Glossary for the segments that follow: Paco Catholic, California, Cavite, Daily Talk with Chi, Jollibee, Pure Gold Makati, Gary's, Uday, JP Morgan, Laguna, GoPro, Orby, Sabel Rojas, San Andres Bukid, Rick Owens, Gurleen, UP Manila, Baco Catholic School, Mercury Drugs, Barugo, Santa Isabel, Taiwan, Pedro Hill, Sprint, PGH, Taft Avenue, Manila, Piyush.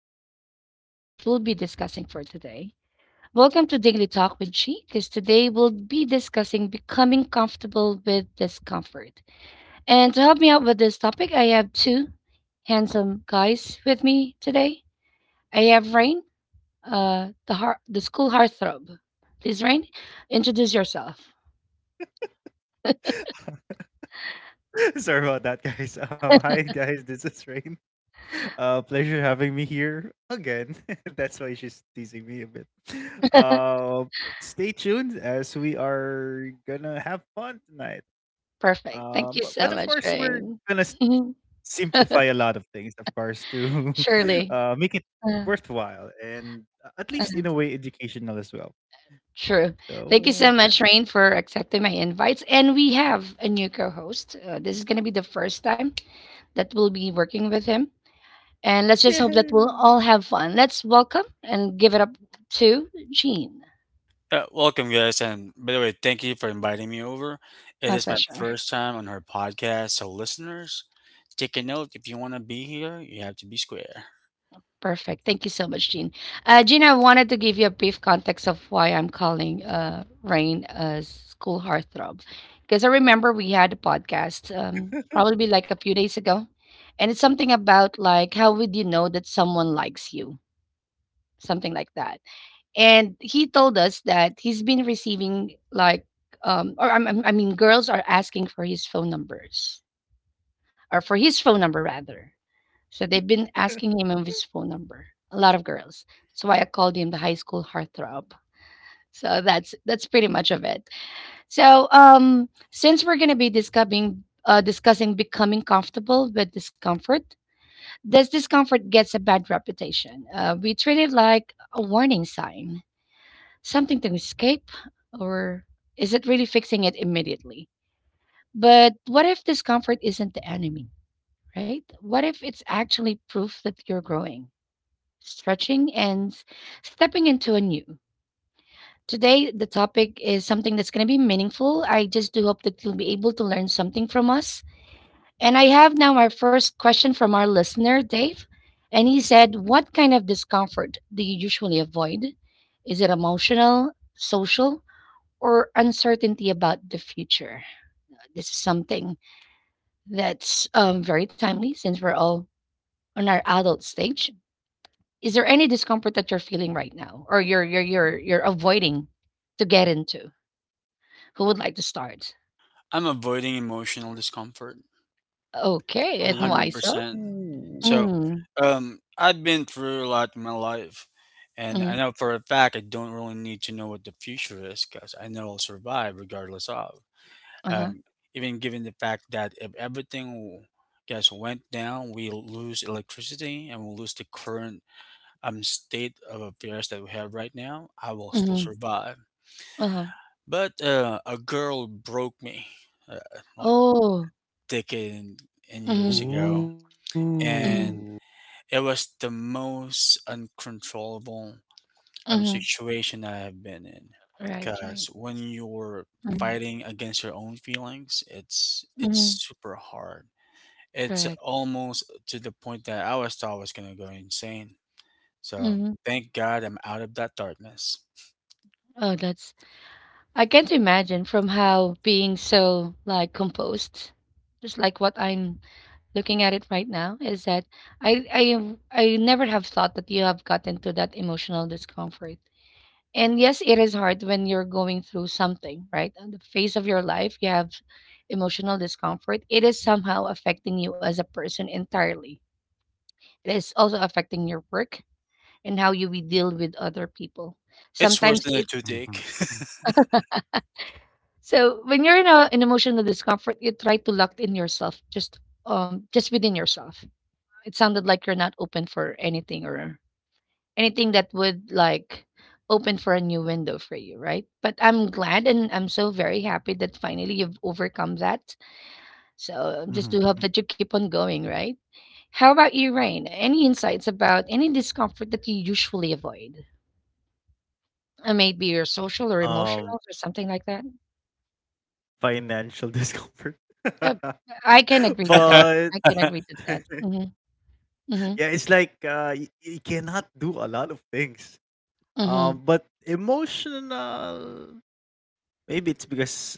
and meaningful topic that we'll be discussing for today. Welcome to Daily Talk with Chi, because today we'll be discussing becoming comfortable with discomfort. And to help me out with this topic, I have two handsome guys with me today. I have Rain, the school heartthrob. Please, Rain, introduce yourself. Sorry about that, guys. Hi, guys. This is Rain. Pleasure having me here again. That's why she's teasing me a bit. Uh, Stay tuned as we are gonna have fun tonight. Perfect. Thank Um, you but, so but of much, course, Rain. we're gonna simplify a lot of things, of course, to Surely. Make it worthwhile and at least in a way educational as well. True. So, Thank you so and much, there. Rain, for accepting my invites. And we have a new co host. This is going to be the first time that we'll be working with him. And let's just hope that we'll all Yay! have fun. Let's welcome and give it up to Jean. Welcome, guys, and by the way, thank you for inviting me over. My It is my pleasure. first time on her podcast, so listeners, take a note. If you want to be here, you have to be square. Perfect. Thank you so much, Jean. Jean, I wanted to give you a brief context of why I'm calling Rain a school heartthrob. Because I remember we had a podcast probably like a few days ago. And it's something about like, how would you know that someone likes you? Something like that. And he told us that he's been receiving I mean, girls are asking for his phone numbers or for his phone number rather. So they've been asking him of his phone number. A lot of girls. That's why I called him the high school heartthrob. So that's pretty much of it. So since we're gonna be discussing becoming comfortable with discomfort, this discomfort gets a bad reputation. We treat it like a warning sign, something to escape, or is it really fixing it immediately? But what if discomfort isn't the enemy, right? What if it's actually proof that you're growing, stretching, and stepping into a new. Today, the topic is something that's going to be meaningful. I just do hope that you'll be able to learn something from us. And I have now our first question from our listener, Dave. And he said, what kind of discomfort do you usually avoid? Is it emotional, social, or uncertainty about the future? This is something that's very timely since we're all on our adult stage. Is there any discomfort that you're feeling right now or you're avoiding to get into? Who would like to start? I'm avoiding emotional discomfort, Okay, and why hundred so? percent. Ooh. So, Mm. um, I've been through a lot in my life, and Mhm. I know for a fact I don't really need to know what the future is because I know I'll survive regardless of. Uh-huh. um, Even given the fact that if everything gets went down, we lose electricity and we'll lose the current state of affairs that we have right now, I will still Mhm. survive. Uh-huh. But a girl broke me uh, like Oh. decade and years Mhm, ago, Ooh. mhm, and it was the most uncontrollable mhm. situation I have been in. Right, Because right. when you're Mhm, fighting against your own feelings, it's mhm, super hard. It's correct. almost to the point that I was thought I was gonna go insane. So Mhm. thank God I'm out of that darkness. Oh, that's I can't imagine from how being so like composed, just like what I'm looking at it right now, is that I I never have thought that you have gotten to that emotional discomfort. And yes, it is hard when you're going through something, right? On the phase of your life, you have emotional discomfort. It is somehow affecting you as a person entirely. It is also affecting your work and how you will deal with other people. It's worse Sometimes than a it. Mhm. toothache. So when you're in in emotional discomfort, you try to lock in yourself, just within yourself. It sounded like you're not open for anything or anything that would like open for a new window for you, right? But I'm glad and I'm so very happy that finally you've overcome that. So Mhm, just do mhm. hope that you keep on going, right? How about you, Rain? Any insights about any discomfort that you usually avoid? Maybe your social or um emotional or something like that? Financial discomfort. Uh, I can agree to that. But Mhm, yeah, it's mhm, like you cannot do a lot of things, but mhm, emotional, maybe it's because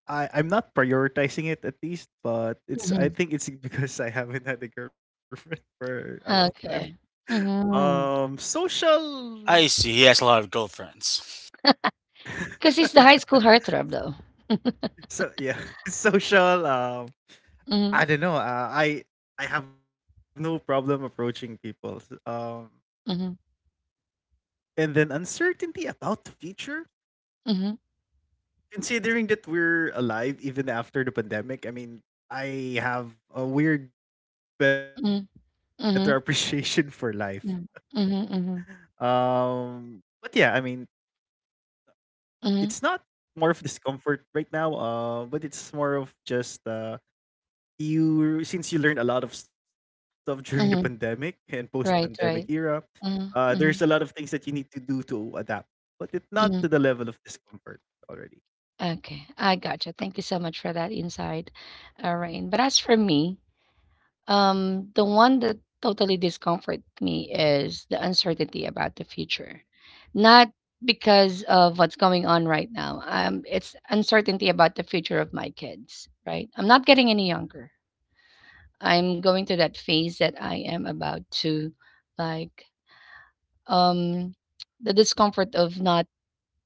I'm not prioritizing it at least, but it's I mhm. think it's because I haven't had a girlfriend for a long time. Okay. Mm-hmm. Cause social. I see. He has a lot of girlfriends. he's the high school heartthrob though. So yeah, social, Mhm, I don't know. I have no problem approaching people. Um, mhm, and then uncertainty about the future, mhm, considering that we're alive even after the pandemic. I mean, I have a weird better mhm, appreciation for mhm, life. mhm, mhm, mhm, But yeah, I mean, it's not mhm, more of discomfort right now. But it's more of just you, since you learned a lot of stuff during the pandemic mhm. and post-pandemic Right, era, right. Mhm, there's a lot of mhm, things that you need to do to adapt, but it not to the mhm. level of discomfort already. Okay, I gotcha. Thank you so much for that insight, Rain. But as for me, the one that totally discomfort me is the uncertainty about the future. Not because of what's going on right now. It's uncertainty about the future of my kids, right? I'm not getting any younger. I'm going to that phase that I am about to like um the discomfort of not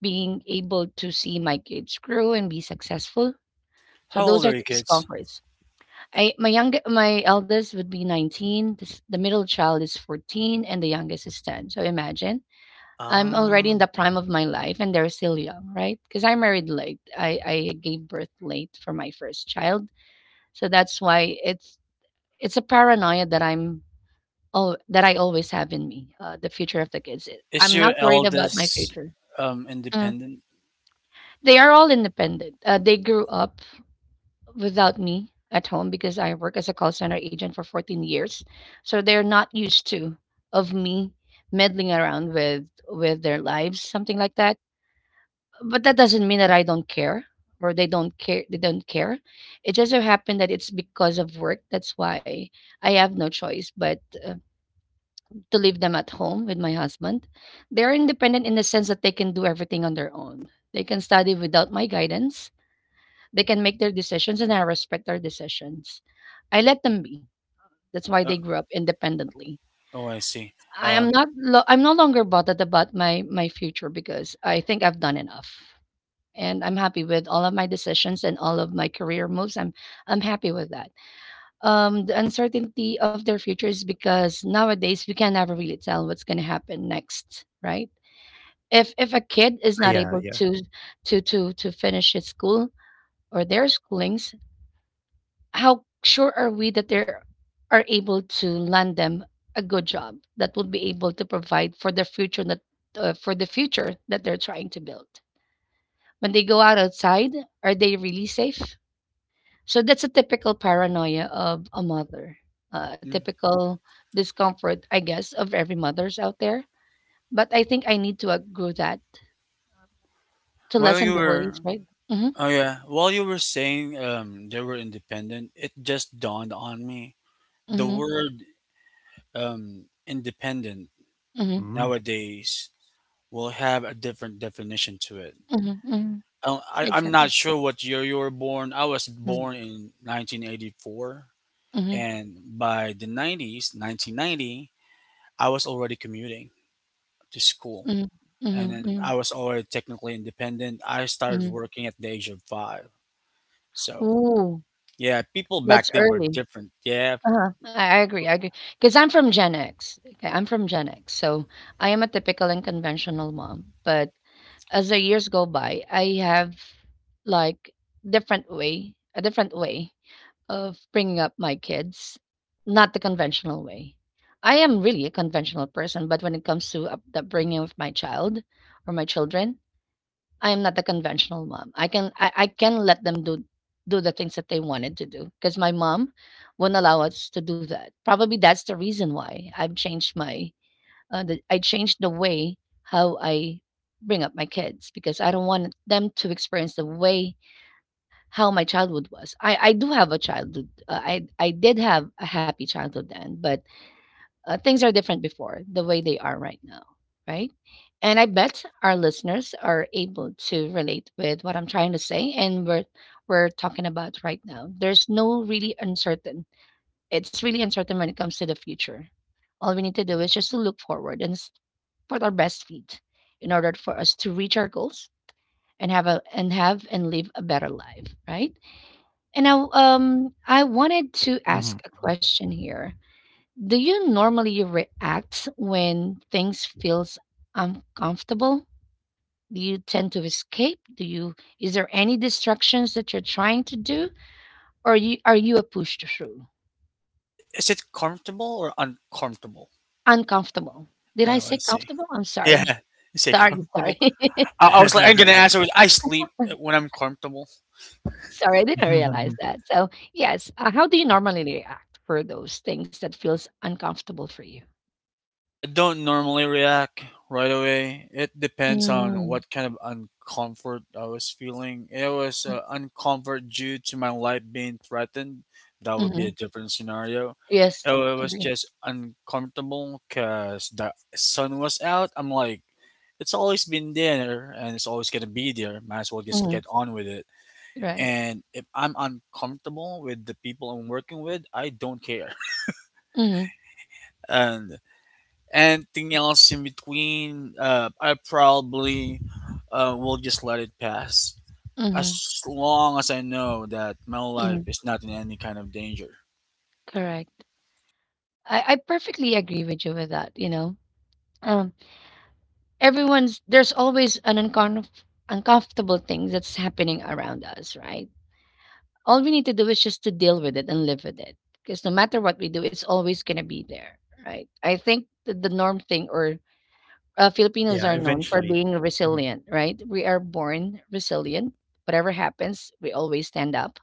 being able to see my kids grow and be successful. How So old those are are your the kids? discomforts. I my young my eldest would be 19, this the middle child is 14, and the youngest is 10. So imagine, I'm already in the Ah, prime of my life and they're still young, right? Because I married late. I gave birth late for my first child. So that's why it's a paranoia that I'm all that I always have in me, the future of the kids. Is I'm your not worried about my eldest future. Mm. independent? They are all independent. They grew up without me at home because I work as a call center agent for 14 years. So they're not used to of me meddling around with their lives, something like that. But that doesn't mean that I don't care or they don't care. It just so happened that it's because of work. That's why I have no choice but to leave them at home with my husband. They're independent in the sense that they can do everything on their own. They can study without my guidance, they can make their decisions, and I respect their decisions. I let them be. That's why Uh, they grew up independently. oh, I see. I am Um, not. Lo- I'm no longer bothered about my future because I think I've done enough, and I'm happy with all of my decisions and all of my career moves. I'm happy with that. The uncertainty of their future is because nowadays we can never really tell what's going to happen next, right? If a kid is not ah, able yeah, to yeah. To finish his school or their schooling, how sure are we that they are able to land them a good job that will be able to provide for the future that for the future that they're trying to build when they go out outside, are they really safe? So that's a typical paranoia of a mother, a mm. typical discomfort I guess of every mother's out there. But I think I need to agree that to while you lessen the were worries, right? Mm-hmm, Oh yeah, while you were saying they were independent, it just dawned on me the mm-hmm, word independent mm-hmm, Mm, nowadays will have a different definition to it. mm-hmm, mm-hmm. I'm not Exactly. sure what year you were born. I was Mm-hmm, born in 1984, mm-hmm, and by the 90s, 1990, I was already commuting to school, mm-hmm, and mm-hmm. then Mm-hmm, I was already technically independent. I started mm-hmm. working at the age of five. So Ooh, yeah, people back that's then were early. different. Yeah, Uh-huh. I agree. Because 'cause I'm from Gen X. Okay, I'm from Gen X, so I am a typical and conventional mom, but as the years go by, I have, like, different way a different way of bringing up my kids, not the conventional way. I am really a conventional person, but when it comes to up the upbringing of my child or my children, I am not the conventional mom. I can let them do the things that they wanted to do because my mom would not allow us to do that. Probably that's the reason why I've I changed the way how I bring up my kids because I don't want them to experience the way how my childhood was. I do have a childhood. I did have a happy childhood then, but things are different before the way they are right now, right? And I bet our listeners are able to relate with what I'm trying to say and what we're talking about right now. There's no really uncertain. It's really uncertain when it comes to the future. All we need to do is just to look forward and put our best feet in order for us to reach our goals and have a and have and live a better life, right? And now, I wanted to ask a mhm. question here: do you normally react when things feels uncomfortable? Do you tend to escape? Do you Is there any distractions that you're trying to do? Or you Are you a push through? Is it comfortable or uncomfortable? Uncomfortable. Did I Oh, I say see. comfortable? I'm Yeah, sorry. you say Sorry, sorry. comfortable. I was like, I'm gonna answer with I sleep when I'm comfortable. Sorry, I didn't realize that. So yes, how do you normally react for those things that feels uncomfortable for you? I don't normally react right away. It depends on Mm, what kind of uncomfort I was feeling. It was mm, uncomfort due to my life being threatened. That would be a mhm. different scenario. Yes, It was agree. just uncomfortable because the sun was out. I'm like, it's always been there and it's always gonna be there. Might as well just Mhm. get on with it. Right. And if I'm uncomfortable with the people I'm working with, I don't care. Mm-hmm. And anything else in between, I probably will just let it pass Mm-hmm. as long as I know that my Mm-hmm. life is not in any kind of danger. Correct. I perfectly agree with you with that. You know, um, everyone's there's always an uncomfortable thing that's happening around us, right? All we need to do is just to deal with it and live with it, because no matter what we do, it's always gonna be there, right? I think the norm thing or Filipinos are known Yeah, for being eventually. resilient, Mhm, right? We are born resilient. Whatever happens, we always stand up,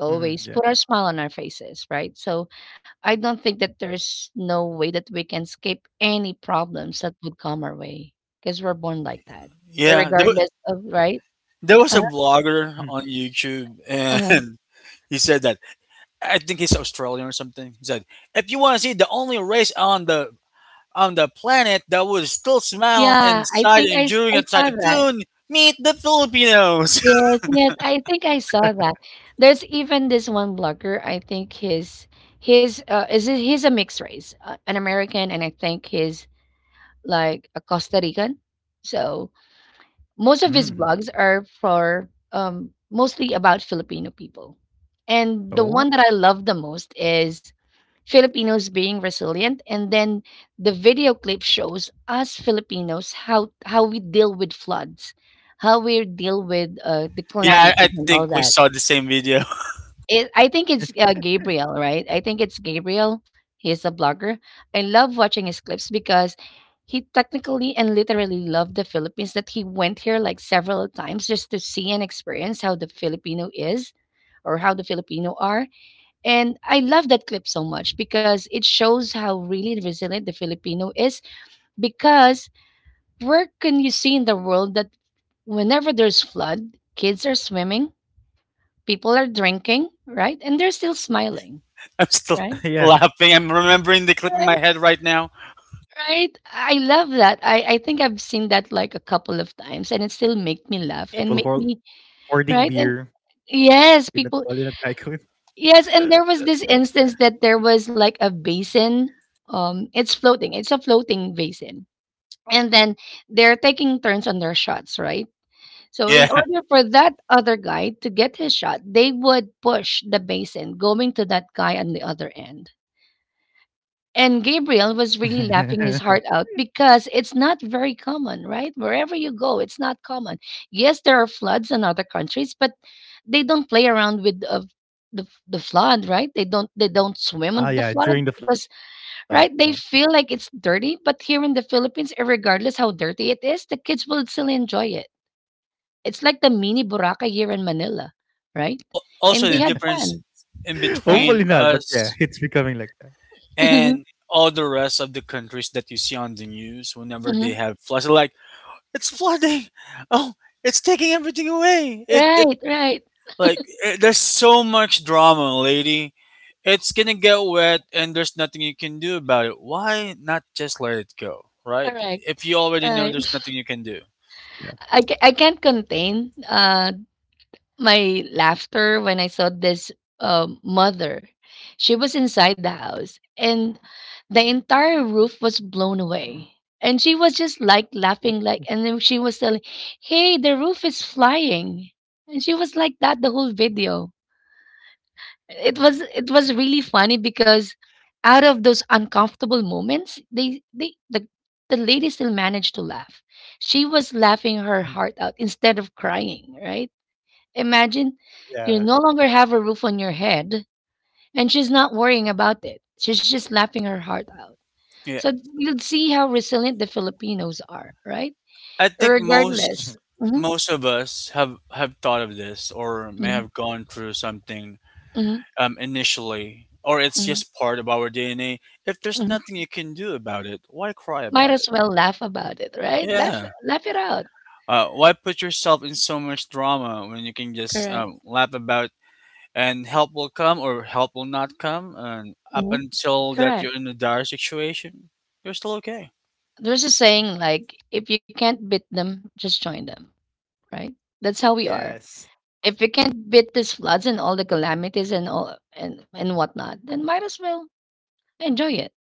always put mhm, our yeah. smile on our faces, right? So I don't think that there's no way that we can escape any problems that would come our way because we're born like that, Yeah, regardless of, right? there was Uh, a blogger Mhm, on YouTube, uh, and he said that I think he's Australian or something. He said, "If you want to see the only race on the planet that would still smile yeah, I inside think enduring I a saw that. typhoon, meet the Filipinos." Yes, yes, I think I saw that. There's even this one blogger. I think his is it, he's a mixed race, an American, and I think he's like a Costa Rican. So Most of mhm, his mhm. blogs are for mostly about Filipino people. And the one Oh, that I love the most is Filipinos being resilient. And then the video clip shows us Filipinos how we deal with floods, how we deal with the yeah, calamities I and all think we that. saw the same video. I think it's Gabriel, right? I think it's Gabriel. He's a blogger. I love watching his clips because he technically and literally loved the Philippines that he went here like several times just to see and experience how the Filipino is or how the Filipino are. And I love that clip so much because it shows how really resilient the Filipino is. Because where can you see in the world that whenever there's flood, kids are swimming, people are drinking, right? And they're still smiling. I'm still Right, yeah, laughing. I'm remembering the clip right, in my head right now. right. I love that. I think I've seen that like a couple of times and it still make me laugh people and make hoard, me hoarding right and beer yes, in a, people well, in a tycoon. yes, and there was this instance that there was like a basin. It's floating. It's a floating basin. And then they're taking turns on their shots, right? So in Yeah. order for that other guy to get his shot, they would push the basin going to that guy on the other end. And Gabriel was really laughing his heart out because it's not very common, right? Wherever you go, it's not common. Yes, there are floods in other countries, but they don't play around with the flood, right? They don't swim on the Ah, yeah. flood During the because flood. Oh. right they feel like it's dirty. But here in the Philippines, regardless how dirty it is, the kids will still enjoy it. It's like the mini Boracay here in Manila, right? Also, And they the had difference fun, in right? between Hopefully not, but us yeah, it's becoming like that. and all the rest of the countries that you see on the news whenever they hmm have floods, they're like it's flooding. Oh, it's taking everything away. It Right, right, Like eh, there's so much drama, lady. It's gonna get wet, and there's nothing you can do about it. Why not just let it go, right? correct, If you already know right. there's nothing you can do. I can't contain, my laughter when I saw this, mother. She was inside the house, and the entire roof was blown away. And she was just, Ooh. like, laughing, like and then she was telling, "Hey, the roof is flying." And she was like that the whole video Mhm, it was really funny because out of those uncomfortable moments the lady still managed to laugh she was laughing her mhm. heart out instead of crying right imagine you Yeah. no longer have a roof on your head and she's not worrying about it she's just laughing her heart out Yeah. so you'd see how resilient the filipinos are right I think Mhm. Yes. most regardless. Mhm, Most of us have thought of this or may mhm, have gone through something mhm, initially, or it's mhm, just part of our DNA. If there's mhm. nothing you can do about it, why cry Might about as it? well laugh about it right Yeah. laugh it out Why put yourself in so much drama when you can just correct. Laugh about and help will come or help will not come, and up Mm-hmm. until that Correct. you're in a dire situation, you're still okay. There's a saying like, if you can't beat them, just join them, right? That's how we are. Yes. If you can't beat these floods and all the calamities and whatnot, then might as well enjoy it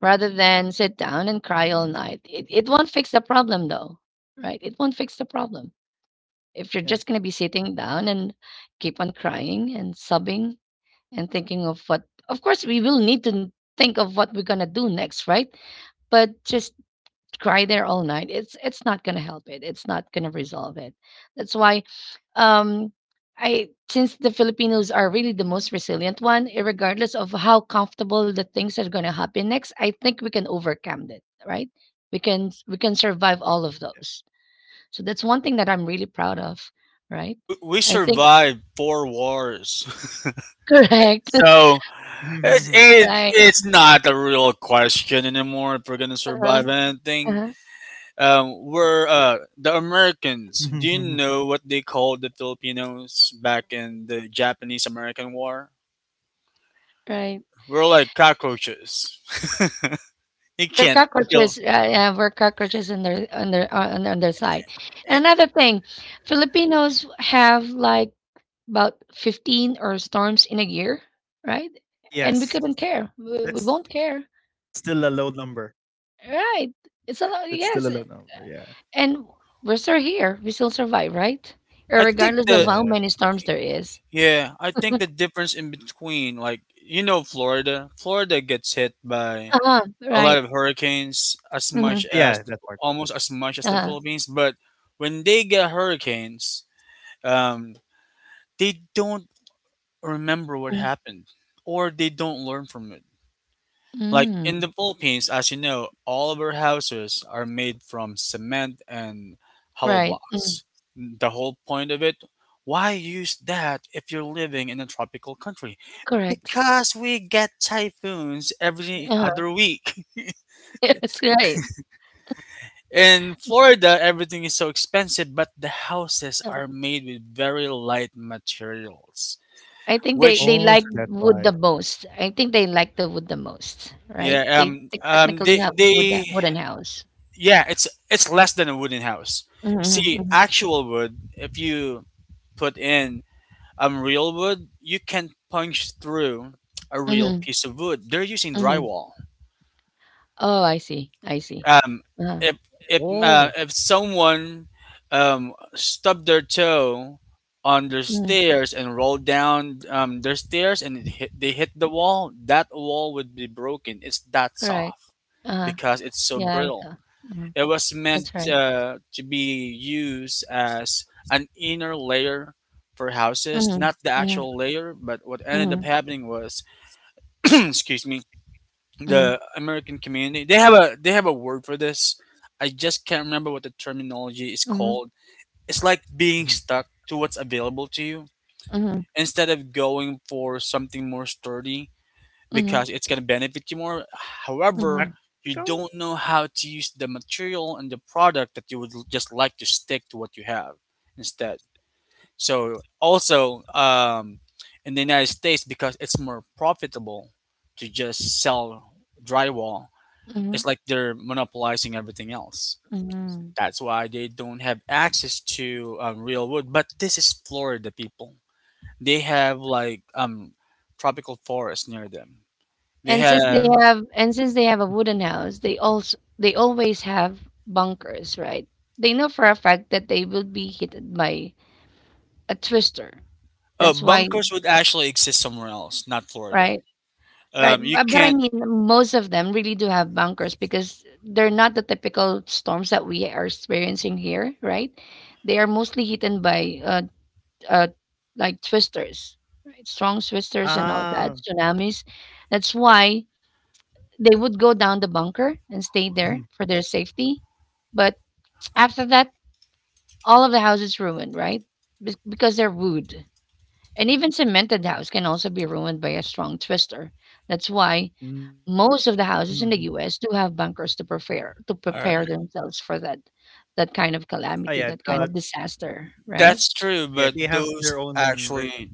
rather than sit down and cry all night. It won't fix the problem though, right? It won't fix the problem if you're just Yes. gonna be sitting down and keep on crying and sobbing and thinking of what. Of course, we will need to think of what we're gonna do next, right? But just Yes. cry there all night, it's not gonna help it. It's not gonna resolve it. That's why um I since the Filipinos are really the most resilient one, eh, regardless of how comfortable the things are gonna happen next, I think we can overcome that, right? We can survive Yeah. all of those. So that's one thing that I'm really proud of, right? We I think survived four wars. correct, So Mhm, It's mhm, mhm. it, right? it's not a real question anymore if we're gonna Uh-huh, survive anything. uh-huh, Yeah. We're the Americans. Do you know what they called the Filipinos back in the Japanese American War? right. We're like cockroaches. you They're can't kill. cockroaches. Yeah, we're cockroaches on their on their side. I And another thing, Filipinos have like about 15 or storms in a year, right? And we couldn't Yes. care. We won't That's care, still a low number. right? That's It's a still a lot. low Yes, number. Yeah. and we're still here. We still survive, right? I think Regardless of the how Yeah. many storms there is. yeah. I think the difference in between like you know Florida. Florida gets hit by Uh-huh, a lot right. of hurricanes Yeah. That as part. much Mm-hmm. as the almost as much as the Uh-huh. Philippines, but when they get hurricanes um, they don't remember what Mm, happened or they don't learn from it. Like in mm, the Philippines, as you know, all of our houses are made from cement and hollow right. Mm, blocks. The whole point of it, why use that if you're living in a tropical country? correct. Because we get typhoons every Uh-huh. other week. Yes, right. In Florida, everything is so expensive, but the houses Uh-huh. are made with very light materials, I think they which they like Oh, so that's wood the why. most. I think they like the wood the most, right? yeah, They technically have wood that wooden house. yeah, it's less than a wooden house. Mm-hmm, You see, mm-hmm, actual wood, if you put in real wood, you can punch through a real mm-hmm, piece of wood. They're using mm-hmm. drywall. Oh, I see. I see. Um, Uh-huh. if if Oh. uh, if someone um stubbed their toe on their Mm-hmm. stairs and rolled down their stairs and they hit the wall, that wall would be broken. It's that Correct. soft Uh-huh. because it's so Yeah, I saw. brittle. Mm-hmm. It was That's meant right. To be used as an inner layer for houses, Mm-hmm, not the mm-hmm, actual layer. But what ended up happening was, excuse me, mm-hmm, the American community. They have a word for this. I just can't remember what the terminology is mm-hmm, called. It's like being Mhm. stuck to what's available to you mm-hmm, instead of going for something more sturdy mm-hmm, because it's going to benefit you more. Practical? However, mm-hmm, you don't know how to use the material and the product that you would just like to stick to what you have instead. So also in the United States, because it's more profitable to just sell drywall, mm-hmm, it's like they're monopolizing everything else. mm-hmm. That's why they don't have access to real wood. But this is Florida people. They have like tropical forests near them. They have Mm. And since they have a wooden house, they always have bunkers, right? They know for a fact that they will be hit by a twister. uh, That's why, bunkers would actually exist somewhere else, not Florida. right? Right. You But I can't. mean, most of them really do have bunkers because they're not the typical storms that we are experiencing here, right? They are mostly hidden by uh like twisters, right? Strong twisters and all that, Ah. tsunamis. That's why Oh. they would go down the Mhm, bunker and stay there for their safety. But after that, all of the house is ruined, right? Because they're wood. And even cemented house can also be ruined by a strong twister. That's why mhm, mhm. most of the houses in the US do have bunkers to All prepare right, themselves for that Oh, yeah. That kind of disaster, right? that's true, Yeah. but They have those their own version. actually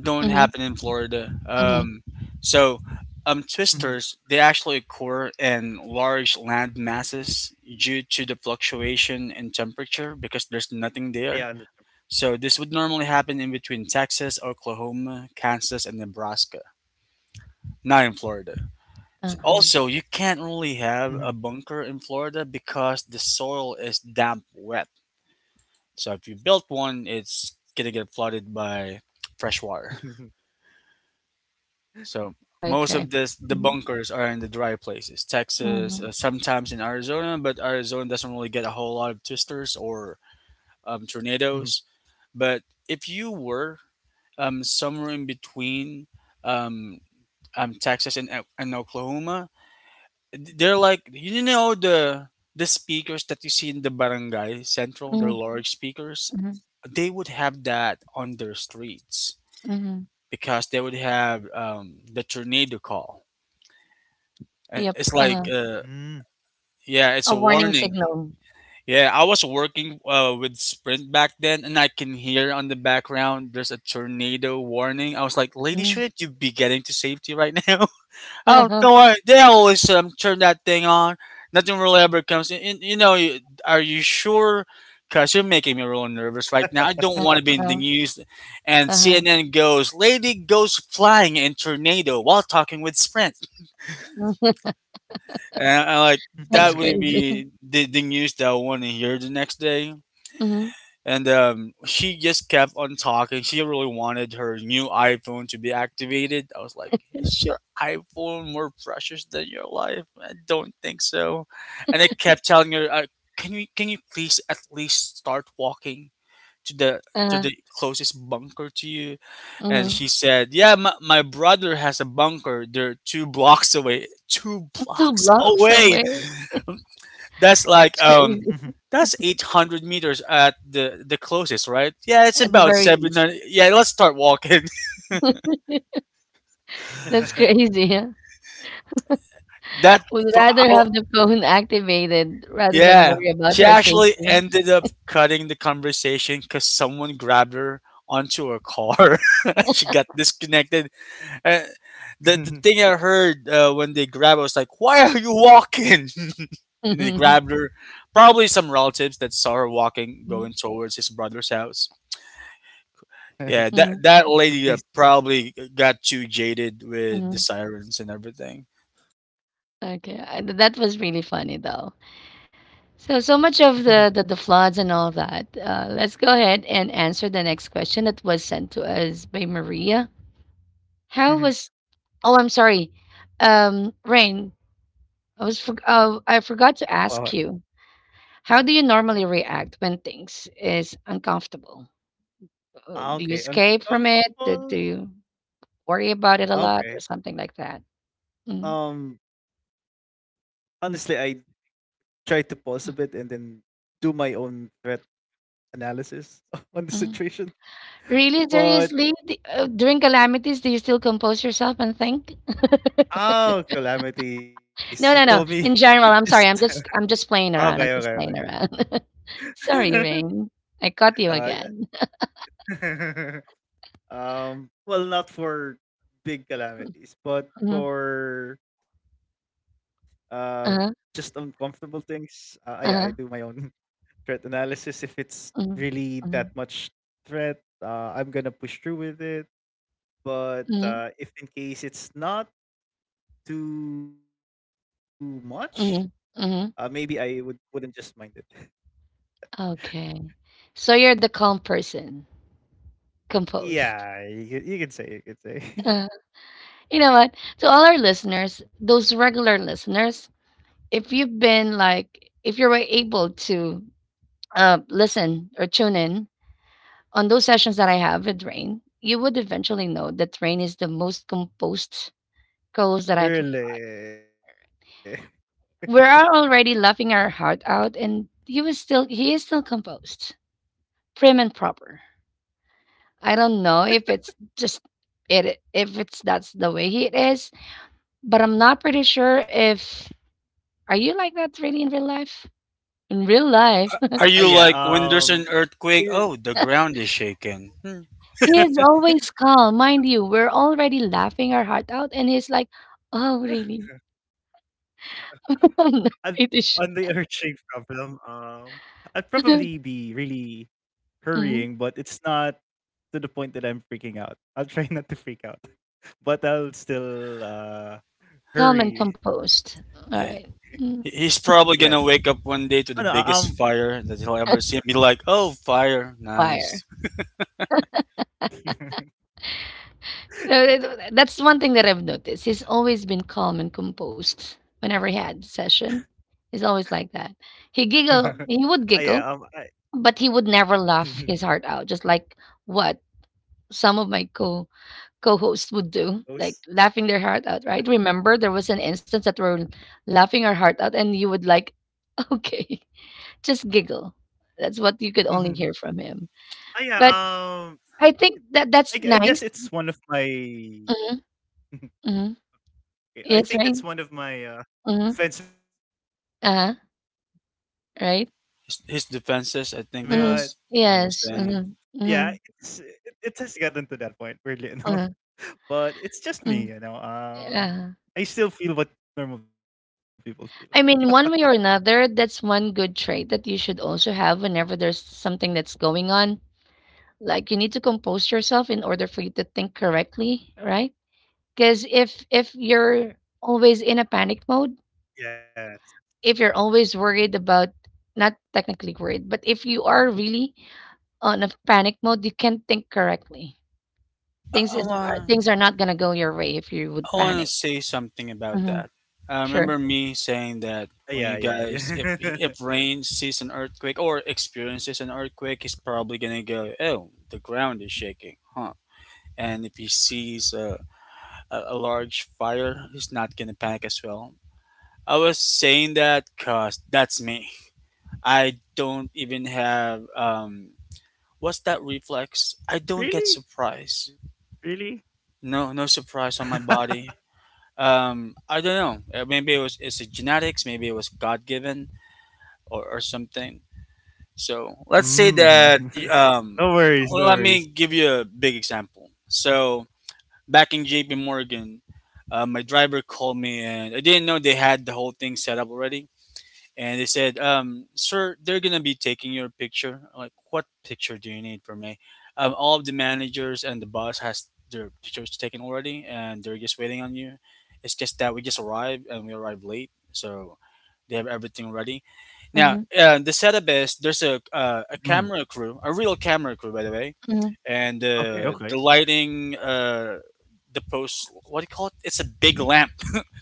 don't hmm happen in Florida. hmm so, Twisters Mhm. they actually occur in large land masses due to the fluctuation in temperature because there's nothing Yeah. there. And the- So this would normally happen in between Texas, Oklahoma, Kansas, and Nebraska, not in Florida. Uh-huh. Also, you Mhm, can't really have a bunker in Florida because the soil is damp wet. So if you built one, it's gonna get flooded by fresh water. mhm, So most Okay. of this the Mm-hmm. bunkers are in the dry places, Texas, Mm-hmm. Sometimes in Arizona, but Arizona doesn't really get a whole lot of twisters or mhm, tornadoes. But if you were somewhere in between um, Texas and Oklahoma, they're like you know the speakers that you see in the barangay central, the Mm-hmm. large speakers. They would have that on their streets Mm-hmm. because they would have the tornado call, and Yep. it's mhm, like yeah, it's A a warning warning. signal. Yeah, I was working with Sprint back then, and I can hear on the background there's a tornado warning. I was like, "Lady, Mm-hmm. shouldn't you be getting to safety right now?" Oh, Uh-huh, don't worry. They always turn that thing on. Nothing really ever comes You know, are you sure? Because you're making me real nervous right now. I don't uh, want to be in the huh, news. And uh-huh. CNN goes, lady goes flying in tornado while talking with Sprint. And mhm, I like, That's that wouldn't crazy. be the news that I want to hear the next day Mhm, and she just kept on talking. She really wanted her new iPhone to be activated. I was like, "Is your iPhone more precious than your life?" I don't think so. And I kept telling her, Can you please at least start walking to the to uh-huh, the closest bunker to you?" And mhm. she said, "Yeah, my brother has a bunker. They're two blocks away. Two 2 blocks blocks away." away? That's mhm. like That's crazy, that's 800 meters at the closest, right? Yeah, it's at the about very least. 700. Yeah, let's start walking. That's crazy, huh? that Would f- rather I- have the phone activated rather than yeah. worry about She her actually safety. ended up cutting the conversation cuz someone grabbed her onto a car. she got disconnected. Uh, the Mhm. thing I heard when they grabbed her was like, "Why are you walking?" and they grabbed her. Probably some relatives that saw her walking Mhm, going towards his brother's house. Yeah, mhm, that At lady least. Probably got too jaded with the mhm. sirens and everything. Okay, that was really funny, though. So Mhm, so much mhm. of the floods and all that. Let's go ahead and answer the next question that was sent to us by Maria. How was Oh, I'm sorry. Rain, I Wow. forgot to ask you. How do you normally react when things is uncomfortable? Ah, Do okay. you escape from it? Do Uncomfortable? you worry about it a Ah, lot or okay. something like that? Mm, Um, Honestly, I try to pause a bit and then do my own threat analysis on the mm. situation. Really But, seriously, during calamities, do you still compose yourself and think? oh, calamities. You told me No, no, no. In general, just, I'm sorry. I'm just okay, playing okay, around. I'm okay. just playing around. Sorry, Rain. I caught uh, you again. Well, not for big calamities, but Mhm. for uh, just uncomfortable Uh-huh. things. Yeah, I do my Uh-huh. own threat analysis. If it's Mhm. really that Mhm. much threat, I'm gonna push through with it. But Mhm. If in case it's not too much, maybe Mhm, I mhm, wouldn't just mind it. okay. So you're the calm person, composed. Yeah, you can say, you can say. Uh, you know what? To all our listeners, those regular listeners, if you were able to listen or tune in on those sessions that I have with Rain, you would eventually know that Rain is the most composed co-host that I've. Really. We are already laughing our heart out, and he is still composed, prim and proper. I don't know if it's that's the way he is, but I'm not pretty sure if are you like that really in real life? In real life, Are Yeah. you like when there's Yeah. an earthquake? Oh, the ground is shaking. Hmm. he is always calm, mind you. We're already laughing our heart out, and he's like, "Oh, really?" And on the I'm not urging pretty sure. problem, I'd probably be really hurrying, but Mhm. it's not to the point that I'm freaking out. I'll try not to freak out, but I'll still Calm and hurry. composed. All Yeah, right. Yes. Mm. He's Oh, no, probably gonna wake up one day to the biggest fire that he'll ever see and be like, "Oh, fire, nice." Fire. That's one thing that I've noticed. He's always been calm and composed whenever he had session. He's always like that. uh, yeah, He would giggle, but he would never laugh his heart out, just like what some of my co co-hosts would do, those. like laughing their heart out, right? Remember there was an instance that we're laughing our heart out and you would like, okay, just uh, giggle. That's what you could only yeah, hear from him. um, But I I guess think it's that one of that's nice. my. Hmm hmm I think that's one of Yes, my right? Defense Mm-hmm. mechanisms that I learned, but Uh-huh. it's Right? His not. defenses, I think it Mhm. was what he Yes. was Yeah, saying. Mhm. it's, Mhm. it has gotten to that point, weirdly enough. Uh-huh. But it's just me, you know. Mm. I Yeah. still feel what normal people feel. I mean, one way or another, that's one good trait that you should also have whenever there's something that's going on. Like you need to compose yourself in order for you to think correctly, right? Because if you're always in a panic Yes. mode, if you're always worried about not technically worried, but if you are really on a panic mode, you can't think correctly. Uh, oh, uh, Things are not gonna go your way if you would I want to panic. say something about Mhm. that. I Sure. remember me Yeah, yeah, saying that yeah. when you guys, if Rain sees an earthquake or experiences an earthquake, he's probably gonna go, "Oh, the ground is shaking, huh?" And if he sees a large fire, he's not gonna panic as well. I was saying that cause that's me. I don't even have what's that Really? reflex? I don't get Really? surprise. No, no surprise on my body. I don't know. Maybe it's a genetics, maybe it was god-given or something. So Mm. let's say that No worries, no worries. well, let me give you a big example. So back in JP Morgan, my driver called me and I didn't know they had the whole thing set up already, and they said, "Sir, they're gonna be taking your picture." I'm like, what picture do you need from me? All of the managers and the boss has their pictures taken already, and they're just waiting on you. It's just that we just arrived and we arrived late, so they have everything ready. Now, Mhm, the setup is there's a Mm. camera crew, a real camera crew, by the way, mhm, and Okay, the okay. lighting, the post. What do you call it? It's a big lamp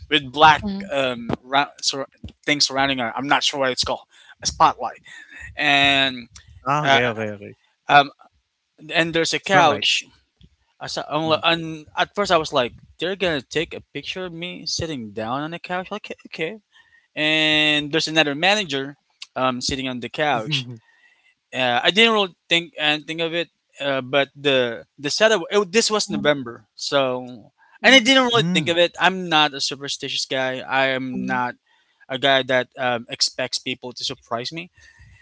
with black mhm, um ra- sur- things surrounding her. I'm not sure what it's called, a spotlight. And Ah, okay, uh, okay, okay. um and there's a Strong couch. lights. I saw, I'm li- Mm. And at first I was like, they're gonna take a picture of me sitting down on the couch. Like, okay. And there's another manager sitting on the couch. I didn't really think anything of it. But the setup, this was mhm, November, so and I mhm, didn't really think Mm. of it. I'm not a superstitious guy. I am mhm, not a guy that expects people to surprise me.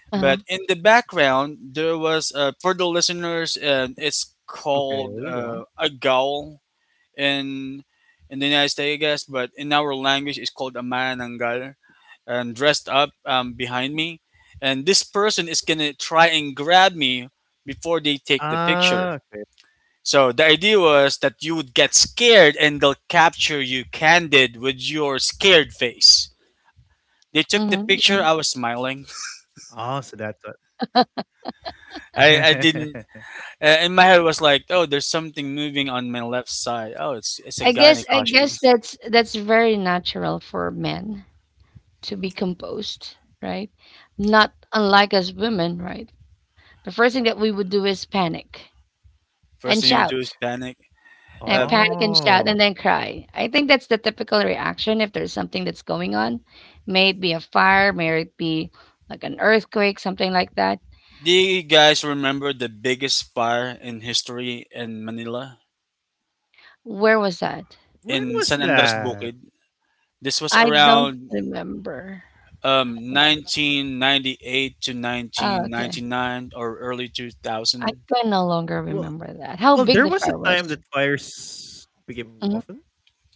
uh-huh, But in the background, there Okay, go was on. For the listeners, it's called a gaul in in the United States, I guess. But in our language, it's called a manananggal, and dressed up behind me, and this person is gonna try Ah, and okay. grab me before they take the picture. So the idea was that you would get scared and they'll capture you candid with your scared face. They took the mhm, Ah, so picture. mhm. I that's was what. smiling. I didn't. In my head was like, oh, there's something moving on my left side. Oh, it's a guy in a I costume. guess that's very natural for men to be composed, right? Not unlike us women, right? The first thing that we would do is panic First and thing you would do is shout. panic. Yeah, Oh, Um, panic and shout and then cry. I think that's the typical reaction if there's something that's going on. May it be a fire, may it be like an earthquake, something like that. do you guys remember the biggest fire in history in Manila Where was that? when was in San Andres that? Bukid? This was I don't around remember. 1998 to Oh, okay. 1999 or early I 2000. can no Well, longer remember well, that. How there was big a the fair time that was? fires became Mhm, often,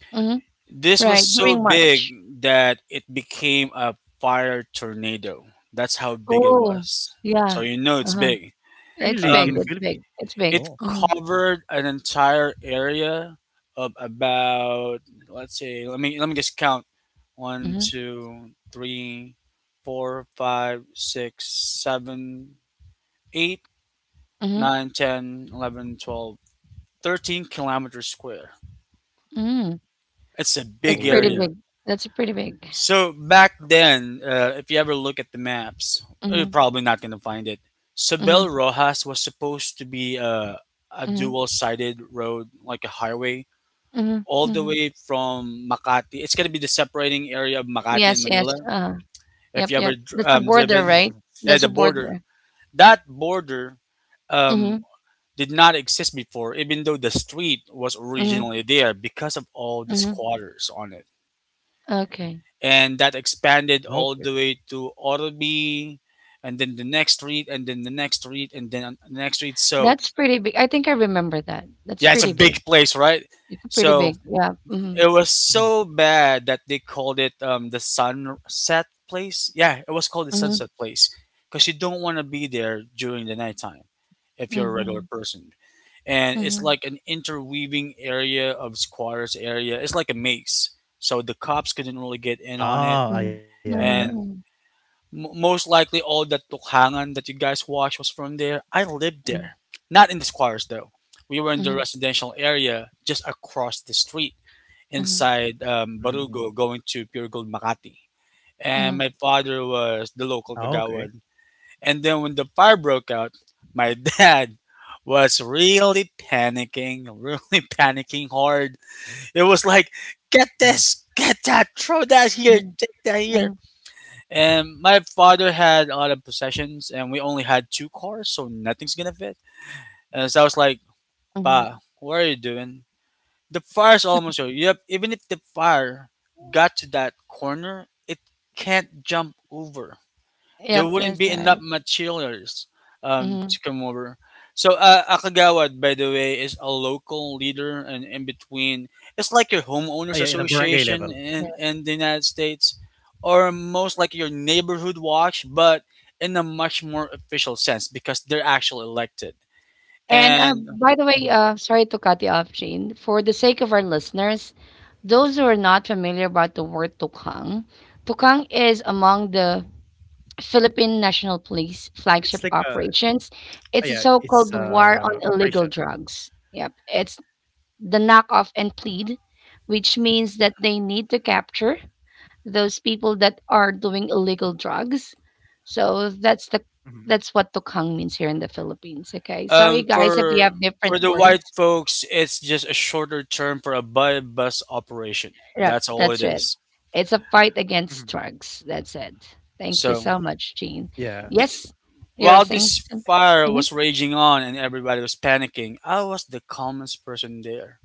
but mhm. This was Right, so during big March. that it became a fire tornado. That's how big it Oh, was. So yeah. you know it's Uh-huh. big. really in the It's Philippines. big, Um, it's big, it's Oh, big. it Mhm, covered an entire area of about, let's say, let me just count: one mhm, two three four five six seven eight mhm, nine ten eleven twelve thirteen kilometers square. mm. It's a big That's pretty oh, area. big. That's pretty big. So back then, if you ever look at the maps, you're Mhm, probably not going to find it. mhm, Sabel Rojas was supposed to be a mhm, dual-sided road, like a highway, mhm, all the mhm. way from Makati. It's going to be the separating area of Makati and Yes, Manila. yes, If yep, you ever yep. That's a mhm, border, driven, right? yeah, That's the a border. border. That border um, Mhm, did not exist before, even though the street was mhm, originally there because of all the mhm. squatters on it. Okay. And that mhm. expanded all Okay. the way to Orby, and then the next street, and then the next street, and then the next street. So That's pretty big. I think I remember that. That's yeah, it's a pretty big. big place, right? It's pretty So big. Yeah. Mhm, it was so Mhm. bad that they called it the sunset place. Yeah, it was called the mhm, sunset place because you don't want to be there during the nighttime if you're a regular mhm. person. And it's Mhm, like an interweaving area of squatters area. It's like a maze. So the cops couldn't really get in on it. Ah, ah, mhm, yeah, yeah. And mhm, Mo most likely, all that tukhangan that you guys watched was from there. I lived mhm, there, not in the squares though. We were in the mhm, residential area just across the street, mhm, inside Mhm, mhm. Barugo, going to Pure Gold Makati. And mhm, my father Ah, was the okay. local Kagawad. And then when the fire broke out, my dad was really panicking, really panicking hard. It was like, get Hmm. this, get that, throw that here, mhm, take that here. mhm, And my father had a lot of possessions, and we only had two cars, so nothing's gonna fit. And so I was like, mhm. "Pa, what are you doing? The fire's almost over. Yep, even if the fire got to that corner, it can't jump over, there Yep, wouldn't that's be enough right. materials Mhm, to come over. So Akagawad, by the way, is a local leader and in between. It's like your homeowners Ah, yeah, in a barangay association level. in, yeah. in the United States, or most like your neighborhood watch, but in a much more official sense because they're actually elected. And, And by the way, Mhm. sorry to cut you off, Shane. For the sake of our listeners, those who are not familiar about the word tukang, tukang is among the Philippine National It's like Police a, flagship operations. ah, yeah, It's a it's so-called war on operation. illegal drugs. Yep, it's the knock off and plead, which means that they need to capture those people that are doing illegal drugs. So Mhm, mhm, that's what tukang means here in the Philippines. Okay. Sorry um, guys if we for have for different the words. white folks, it's just a shorter term for a by bus operation. Yep, That's all it that's it. is. It's a fight against mhm. drugs. That's it. Thank you So so much, Yeah. Jean. Yes, you're while saying this something. fire Mm-hmm, was raging on and everybody was panicking, I was the calmest person there.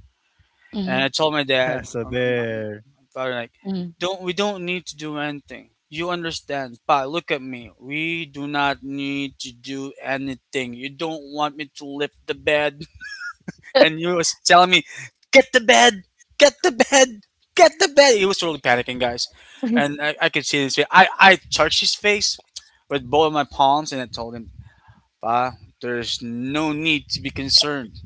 And mm-hmm, I told my dad, So my there. father, like, mm-hmm, don't, we don't need to do anything. You understand, Pa? Look at me. We do not need to do anything. You don't want me to lift the bed, and you was telling me, get the bed, get the bed, get the bed. He was totally panicking, guys, and I could see his face. I touched his face with both of my palms, and I told him, Pa, there's no need to be concerned.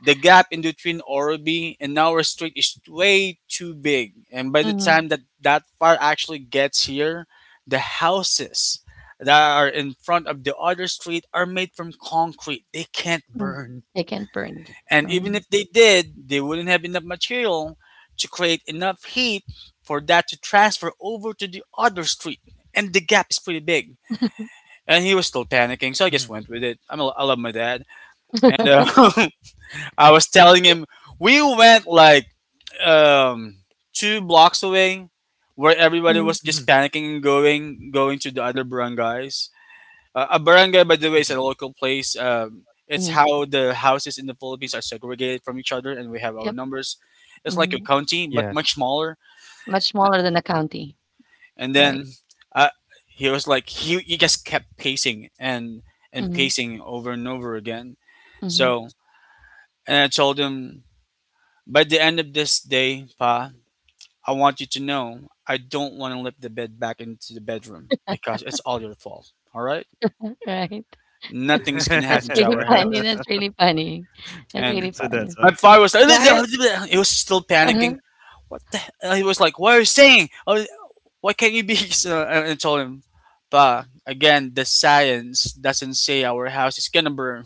The gap in between Orobi and our street is way too big, and by the mm-hmm, time that that fire actually gets here, the houses that are in front of the other street are made from concrete. They can't mm-hmm. burn. They can burn. And even Um, if they did, they wouldn't have enough material to create enough heat for that to transfer over to the other street. And the gap is pretty big. And he was still panicking, so I Mhm, just went with it. I love my dad, and I was telling him, we went like um, 2 blocks away, where everybody mhm, was just mhm, panicking and going to the other barangays. A barangay, by the way, is mhm. a local place. It's mhm, how the houses in the Philippines are segregated from each other, and we have our Yep. numbers. It's like a Hmm. county, but much Yes. smaller. Much smaller than a county. And Right. then uh, he was like, he just kept pacing and Mm-hmm, pacing over and over again. mm-hmm, So, and I told him, by the end of this day, Pa, I want you to know I don't want to lift the bed back into the bedroom because it's all your fault. All right? right. Nothing's going to That's happen to really our funny, house. that's really funny. That's And really So funny. my that's father why. was like, Yeah, he was still I uh-huh. panicking. What the hell? He was like, what are you saying? Oh, why can't you be? So I told him, Pa, again, the science doesn't say our house is going to burn.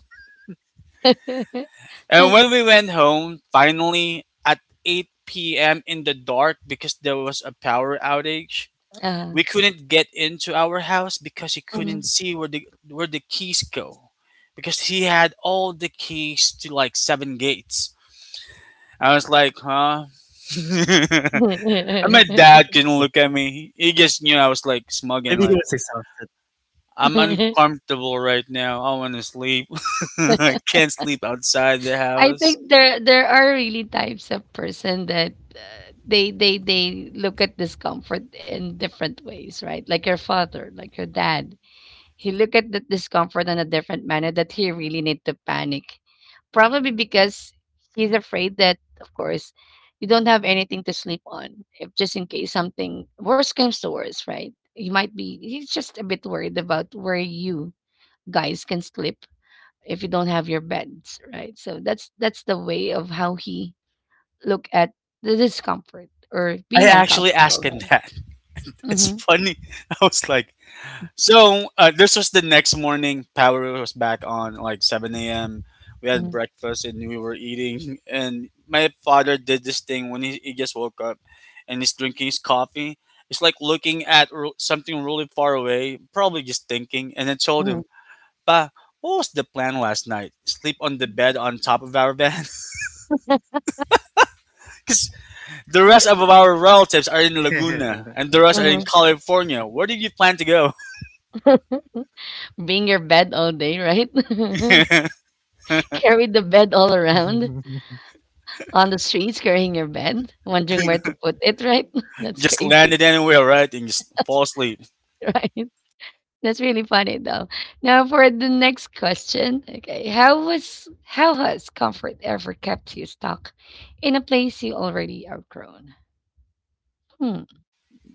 And when we went home, finally at 8 p.m. in the dark because there was a power outage, uh we couldn't get into our house because he couldn't Mhm. see where the keys go, because he had all the keys to like seven gates. I was like, huh? And my dad couldn't look at Yes. me. He just knew I was Maybe like he was smug, and like, exhausted. I'm uncomfortable right now. I want to sleep. I can't sleep outside the I house. think there are really types of person that, they they look at discomfort in different ways, right? Like your father, like your dad. He looked at that discomfort in a different manner that he really need to panic. Probably because he's afraid that, of course, you don't have anything to sleep on. If just in case something worse comes to worse, right? You might be he's just a bit worried about where you guys can sleep if you don't have your beds, right? So that's the way of how he look at the discomfort or I being actually uncomfortable, asked him right? that. It's Mm-hmm, funny. I was like, so this was the next morning. Power was back on like 7 a.m. We had breakfast and we were eating. And my father did this thing when he just woke up and he's drinking his coffee. It's like looking at something really far away, probably just thinking. And I told mm-hmm, him, Pa, what was the plan last night? Sleep on the bed on top of our van? Because the rest of our relatives are in Laguna and the rest are mm-hmm, in California. Where did you plan to go? being your bed all day, right? Carried the bed all around on the streets, carrying your bed, wondering where to put it, right? That's Just crazy. landed anywhere, right? And just That's fall asleep." right? That's really funny though. Now for the next question. Okay. How has comfort ever kept you stuck in a place you already outgrown? Hmm.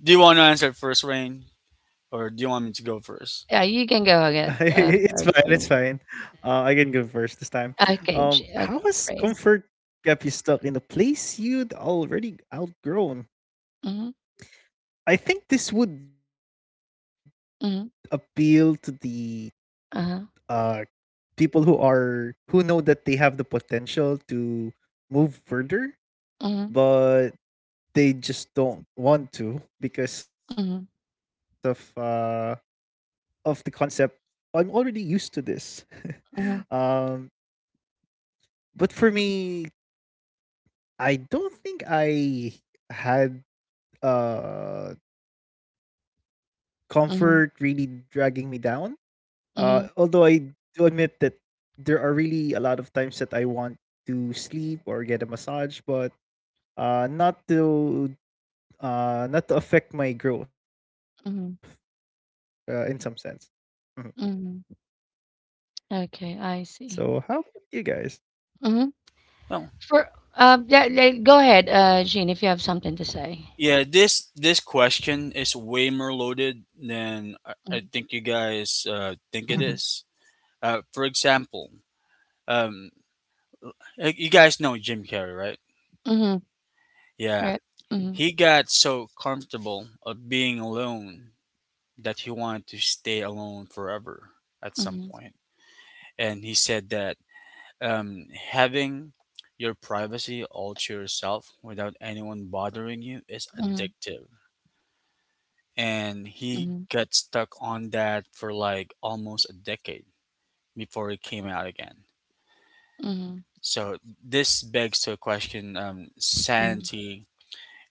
Do you want to answer first, Rain, or do you want me to go first? Yeah, you can go ahead. It's fine. It's Jean. fine. I can go first this time. Okay, Jean, okay, How has great. comfort kept you stuck in the place you'd already outgrown? Mhm, I think this would mhm, appeal to the uh-huh, uh people who are, who know that they have the potential to move mhm, further, but they just don't want to mhm, because of the concept, I'm already used to this. mhm, um, but for me, I don't think I had uh, comfort really mhm, dragging me down. Mhm, Although I do admit that there are really a lot of times that I want to sleep or get a massage, but uh, not to not to affect my growth mhm, in some sense. Mhm. mhm. Okay, I So see. how about you guys? Mm-hmm. No. For yeah, yeah, go ahead, Jean, if you have something to say. Yeah, this question is way more loaded than I, Mhm, I think you guys think it mhm, is. For example, um, you guys know Jim Carrey, right? mhm, Yeah, Right. Mhm, he got so comfortable of being alone that he wanted to stay alone forever at some mhm, point, and he said that, having your privacy all to yourself without anyone bothering you is mhm, addictive. And he mhm, got stuck on that for like almost a decade before he came out again. mhm, So this begs to a question, mhm, sanity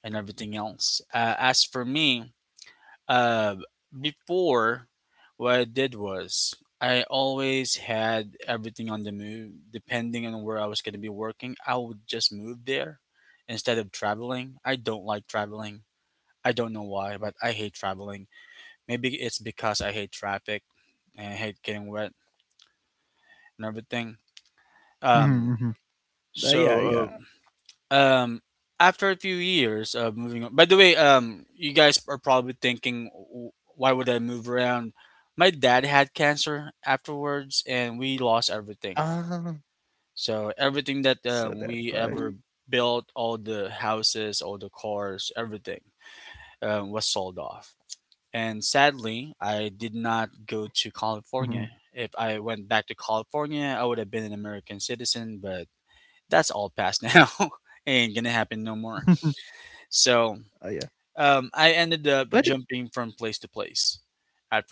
and everything else. As for me, Uh, before, what I did was I always had everything on the move. Depending on where I was going to be working, I would just move there instead of traveling. I don't like traveling. I don't know why, but I hate traveling. Maybe it's because I hate traffic and I hate getting wet and everything. Mhm, Um, mhm, mhm. Yeah, so, yeah. uh, um After a few years of moving on, by the way, you guys are probably thinking, Why would I move around?" My dad had cancer afterwards and we Ah, lost everything, so so that's everything why. that we ever built, all the houses, all the cars, everything, was sold off. And sadly I did Mhm, not mhm. go to California. If I went back to California, I would have been an American citizen, but that's all past now. Ain't gonna happen no more. Oh yeah, So I but it, ended up jumping from place to place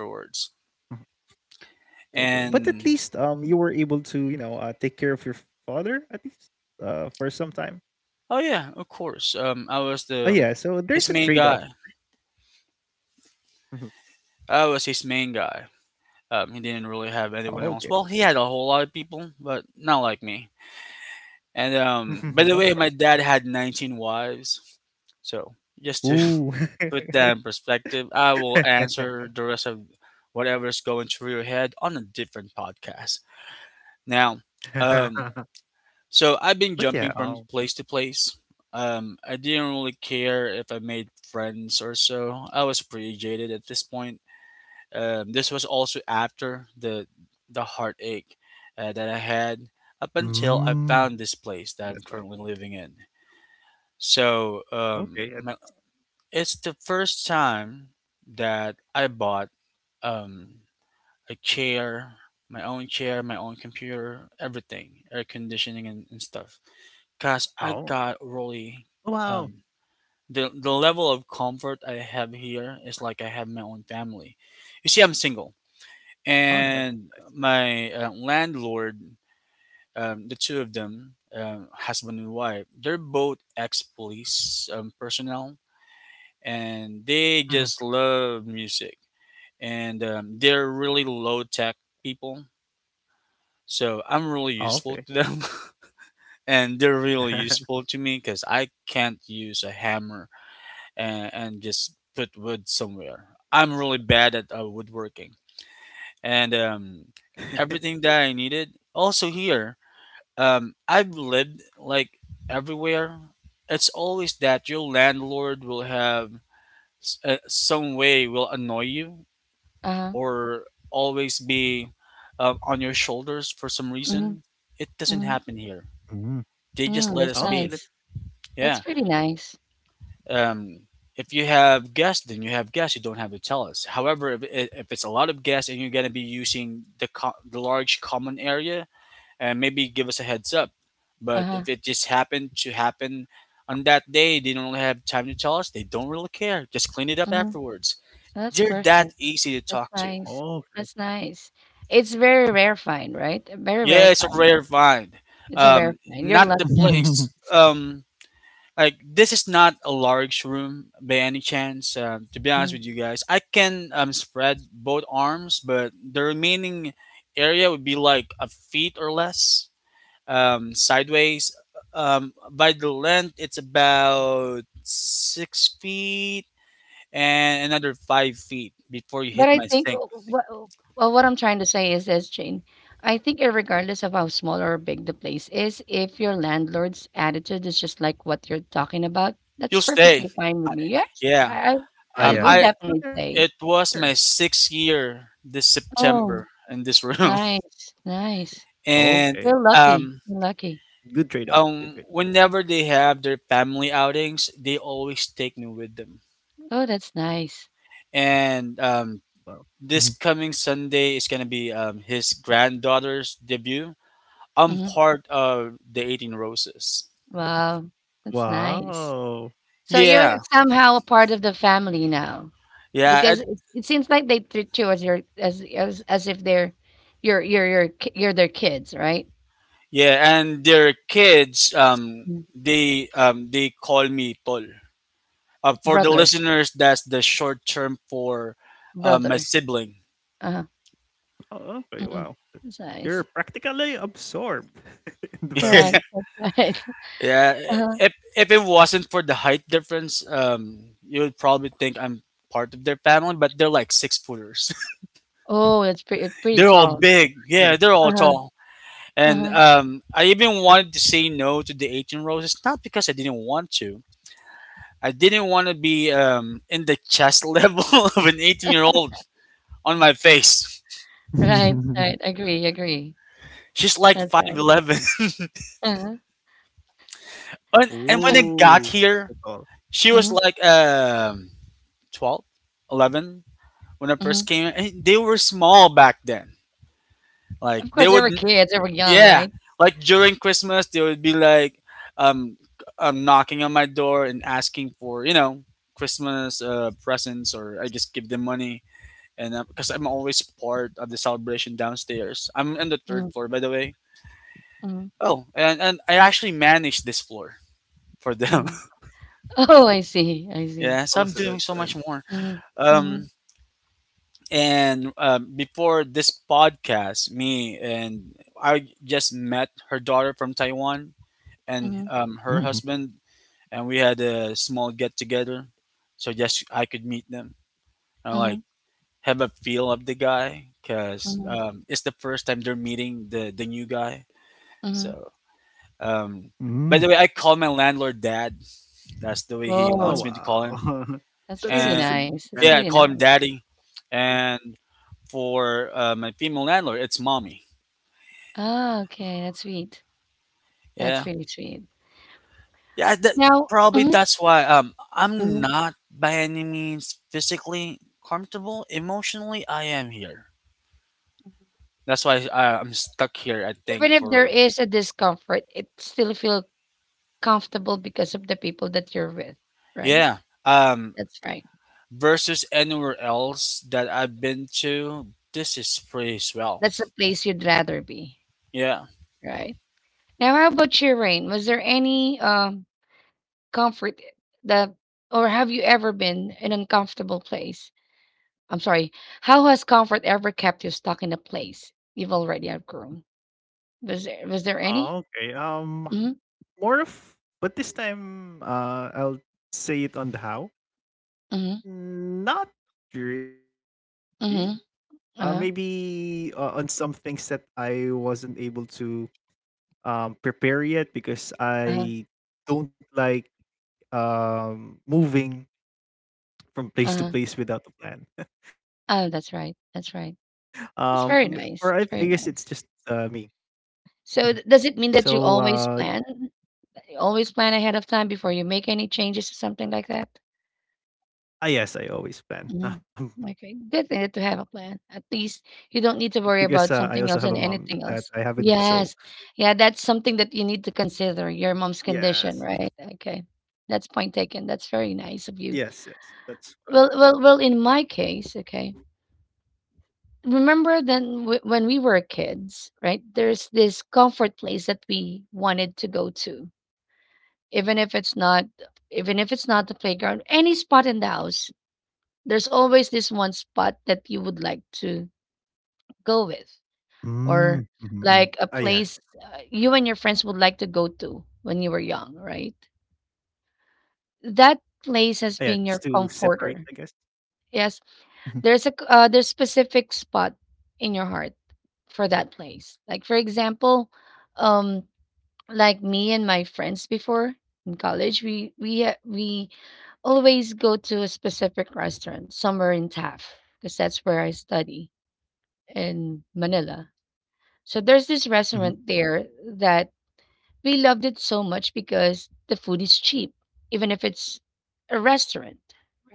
mhm. Okay, but at least you And were able to, you know, take care of your father at least for some time. oh yeah, of course, I Oh was yeah, the so there's a his trade main off. guy. Mhm, I was his main guy. He oh, didn't really okay, have anyone else. Well, he had a whole lot of people, but not like me. And of course. By the way, my dad had 19 wives. So Ooh. just to put that in perspective, I will answer the rest of whatever's going through your head on a different podcast. Now, um, But So yeah, I've been jumping from place to place. I didn't really care if I made friends or so. I was pretty jaded at this point. This was also after the heartache that I had, up mm. until I found this That's why. place that I'm currently living in. So Okay, at least. It's the first time that I bought um, a chair, my own computer, everything, air conditioning, and stuff. Oh, Cause oh I got wow. really um the level of comfort I have here is like I have my own family. You see, I'm Oh single, nice, nice. and my landlord, the two of them, husband and wife, they're both ex police personnel, and Mhm. they just love music, and they're really low tech people. Oh So okay, I'm really useful to them, and they're really useful to me because I can't use a hammer and just put wood somewhere. I'm really bad at woodworking, and everything that I needed. Also here, I've lived like everywhere. It's always that your landlord will have some way, will annoy you Uh-huh. or always be on your shoulders for some Mhm, reason. It doesn't mhm, happen here. Mm. They just mm, Okay. let us that's That's be. nice. That's Yeah. pretty nice. um, if you have gas, then you have gas. You don't have to tell us. However, if it's a lot of gas and you're going to be using the the large common area, and maybe give us a heads up. But Uh-huh. if it just happened to happen on that day, they don't really have time to tell us. They don't really care. Just clean it up Mhm, afterwards. that's They're that perfect. Oh, easy to okay. That's talk to. nice. That's nice. It's very rare find, right? A very rare Yeah, it's a find. rare find. It's a rare find. You're Not the lucky. place. Like this is not a large room by any chance, to be Mm-hmm. honest with you guys, I can spread both arms, but the remaining area would be like a feet or less, sideways. By the length it's about 6 feet, and another 5 feet before you But hit I my think sink. what well, what I'm trying to say is this, Jane. I think regardless of how small or big the place is, if your landlord's attitude is just like what you're talking about, that's You'll stay. perfectly fine I, with me. Yes, yeah. I Aye, will aye. I So definitely there. say, It was my sixth year this oh, September in this room. nice, nice. Okay. and You're lucky. um, You're lucky. Good trade-off, good trade-off. Whenever they have their family outings, they always take me with them. Oh, that's nice. And Oh, wow, wow. this Mhm. coming Sunday is gonna be his granddaughter's debut. I'm Hmm. part of the 18 Roses. Wow, that's nice. Wow. So you're Yeah, somehow a part of the family now, yeah, because and, it seems like they treat you as your as if they're you're their kids, right? yeah, and their kids, Mm. they, they call me Tol. For the Brother, listeners, that's the short term for my brother. sibling. Uh-huh. Oh, okay, Hmm. wow. That's You're nice. practically absorbed in the family. Correct. That's right. Yeah, Uh-huh. if it wasn't for the height difference, you would probably think I'm part of their family, but they're like six footers. Oh, that's pretty pretty They're all tall. big. Yeah, they're all Uh-huh. tall. And Uh-huh. I even wanted to say no to the 18 roses, not because I didn't want to. I didn't want to be in the chest level of an 18-year-old on my face. Right. Right. Agree. Agree. She's like That's right. 5'11. Uh-huh. And Yeah. when I got Oh, here, so tall. she was Mm-hmm. like 12, 11. When I Mm-hmm. first came in, eh, they were small back then. Like Of course, they they would, were kids. They were young, yeah. right? Like during Christmas, they would be like, um, knocking on my door and asking for Christmas presents, or I just give them money. And because I'm always part of the celebration downstairs, I'm in the third Mm-hmm. floor, by the way. Oh, and I actually manage this floor for them. Mm-hmm. Oh, I see. I see. Yeah, so Oh, I'm so doing that's so much an more. Mm-hmm. Mm-hmm. Um, And before this podcast, me and I just met her daughter from Taiwan, and Mm-hmm. Mhm, her husband, and we had a small get together, so just I could meet them and Mhm, like have a feel of the guy, because mhm, it's the first time they're meeting the new guy. mhm. So um, mm. by the way, I call my landlord dad. That's the way he Oh, wants Oh, me to call him. wow. that's That's a really different And nice, that's kind of yeah, I pretty call close. him nice. daddy. And for my female landlord, it's mommy. Ah, okay, that's sweet, that's Yeah, really sweet. yeah. That, Now probably Mhm, that's why I'm mhm. not by any means physically comfortable. Emotionally, I am here. That's why I'm stuck here. I think Even if there for is a discomfort, it still feel comfortable because of the people that you're with, right? yeah. Um, That's right. versus anywhere else that I've been to, this is pretty swell. That's the place you'd rather be, Yeah. right? Now how about you, Rain? Was there any, comfort that or have you ever been in an uncomfortable place? I'm sorry. How has comfort ever kept you stuck in a place you've already outgrown? Was there any? Oh, okay. Mm-hmm. More of but this time, I'll say it on the how. Mm-hmm. Not really. Mm-hmm. Maybe Uh-huh. On some things that I wasn't able to prepare yet because I Uh-huh. don't like moving from place to place Uh-huh. without a plan. Oh, that's right. I That's guess right. it's just It's very me. nice. It's very nice. Mhm. So, So does it mean that you always plan ahead of time before you make any changes or something like that? ah, yes, I always plan Mhm. because I also have Okay, a good mom thing to have that a I plan. have with At me. least So, you don't need to worry about something else and anything else. Yes. Yeah, yes, that's something that you need to consider, your mom's condition, right? Okay. yes, That's yes, point taken. that's That's very nice of you. Well, well, well, in my case, okay. Remember then when we were kids, right? There's this comfort place that we wanted to go to. Even if it's not even if it's not the playground, any spot in the house, there's always this one spot that you would like to go fine. with Mm-hmm. or like a place you and your friends would like to go to when you were young, right? That Yeah, just place has to been your separate, I guess? comforter. Yes, Mhm, there's specific spot in your heart for that place. Like for example, um like me and my friends before in college, we always go to a specific restaurant somewhere in Taft because that's where I study in Manila. So there's this mhm, restaurant there that we loved it so much because the food is cheap, even if it's a restaurant,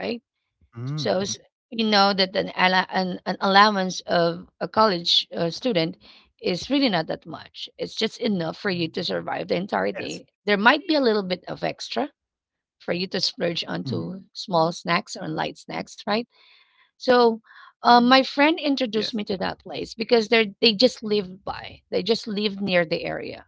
right? mm, mhm. So s- we know that an allowance of a college student is really not that much. It's just enough for you to Yes. survive the entire day. There might be a little bit of extra for you to Mhm. splurge onto small snacks or light snacks, right? So Yes. My friend introduced me to that place because they just live by. They just live near the area,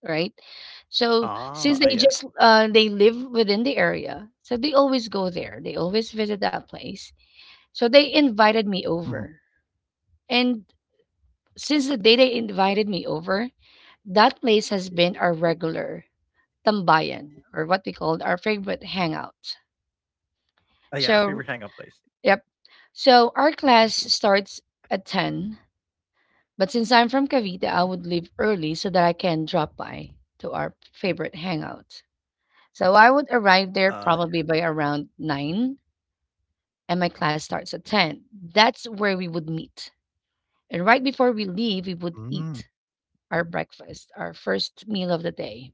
right? ah, yeah. So since they just they live within the area, so they always go there. They always visit that place. So they Mhm. invited me over, and since the day they invited me over, that place has been our regular tambayan or what we called our favorite hangout. Ah, yeah, favorite hangout place. So yep. So our class starts at ten. But since Mhm. I'm from Cavite, I would leave early so that I can drop by to our favorite hangout. So I would Uh arrive there probably by around 9 and my class starts at 10. That's where we would meet. And right before we leave, we Mm. would eat our breakfast, our first meal of the day.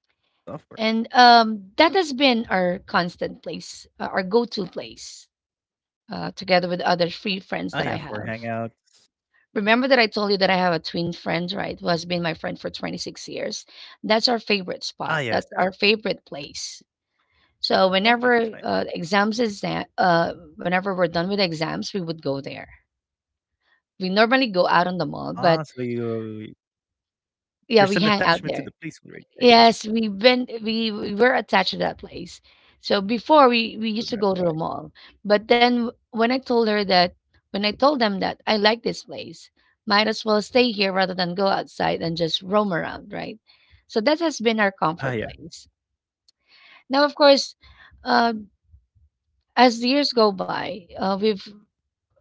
Of course. And that has been our constant place, our go to place, together with Ah, yeah, other for free friends that hangout. I have. Remember that I told you that I have a twin friend, right? Who has been my friend for 26 years. That's our Ah, favorite yes, yes. spot. That's our favorite place. Okay, So that's nice. whenever whenever we're done with exams, we would go there. We normally go out on Ah, the so mall, but you there's an yeah, we attachment to hang the out place there. already, I guess. Yes, we've been we were attached to that place. So before So we that's used to why. go to the mall, but then when I told her that when I told them that I like this place, might as well stay here rather than go outside and just roam around, right? So that has been our Ah, yeah. comfort place. Now, of course, uh, as the years go by, we've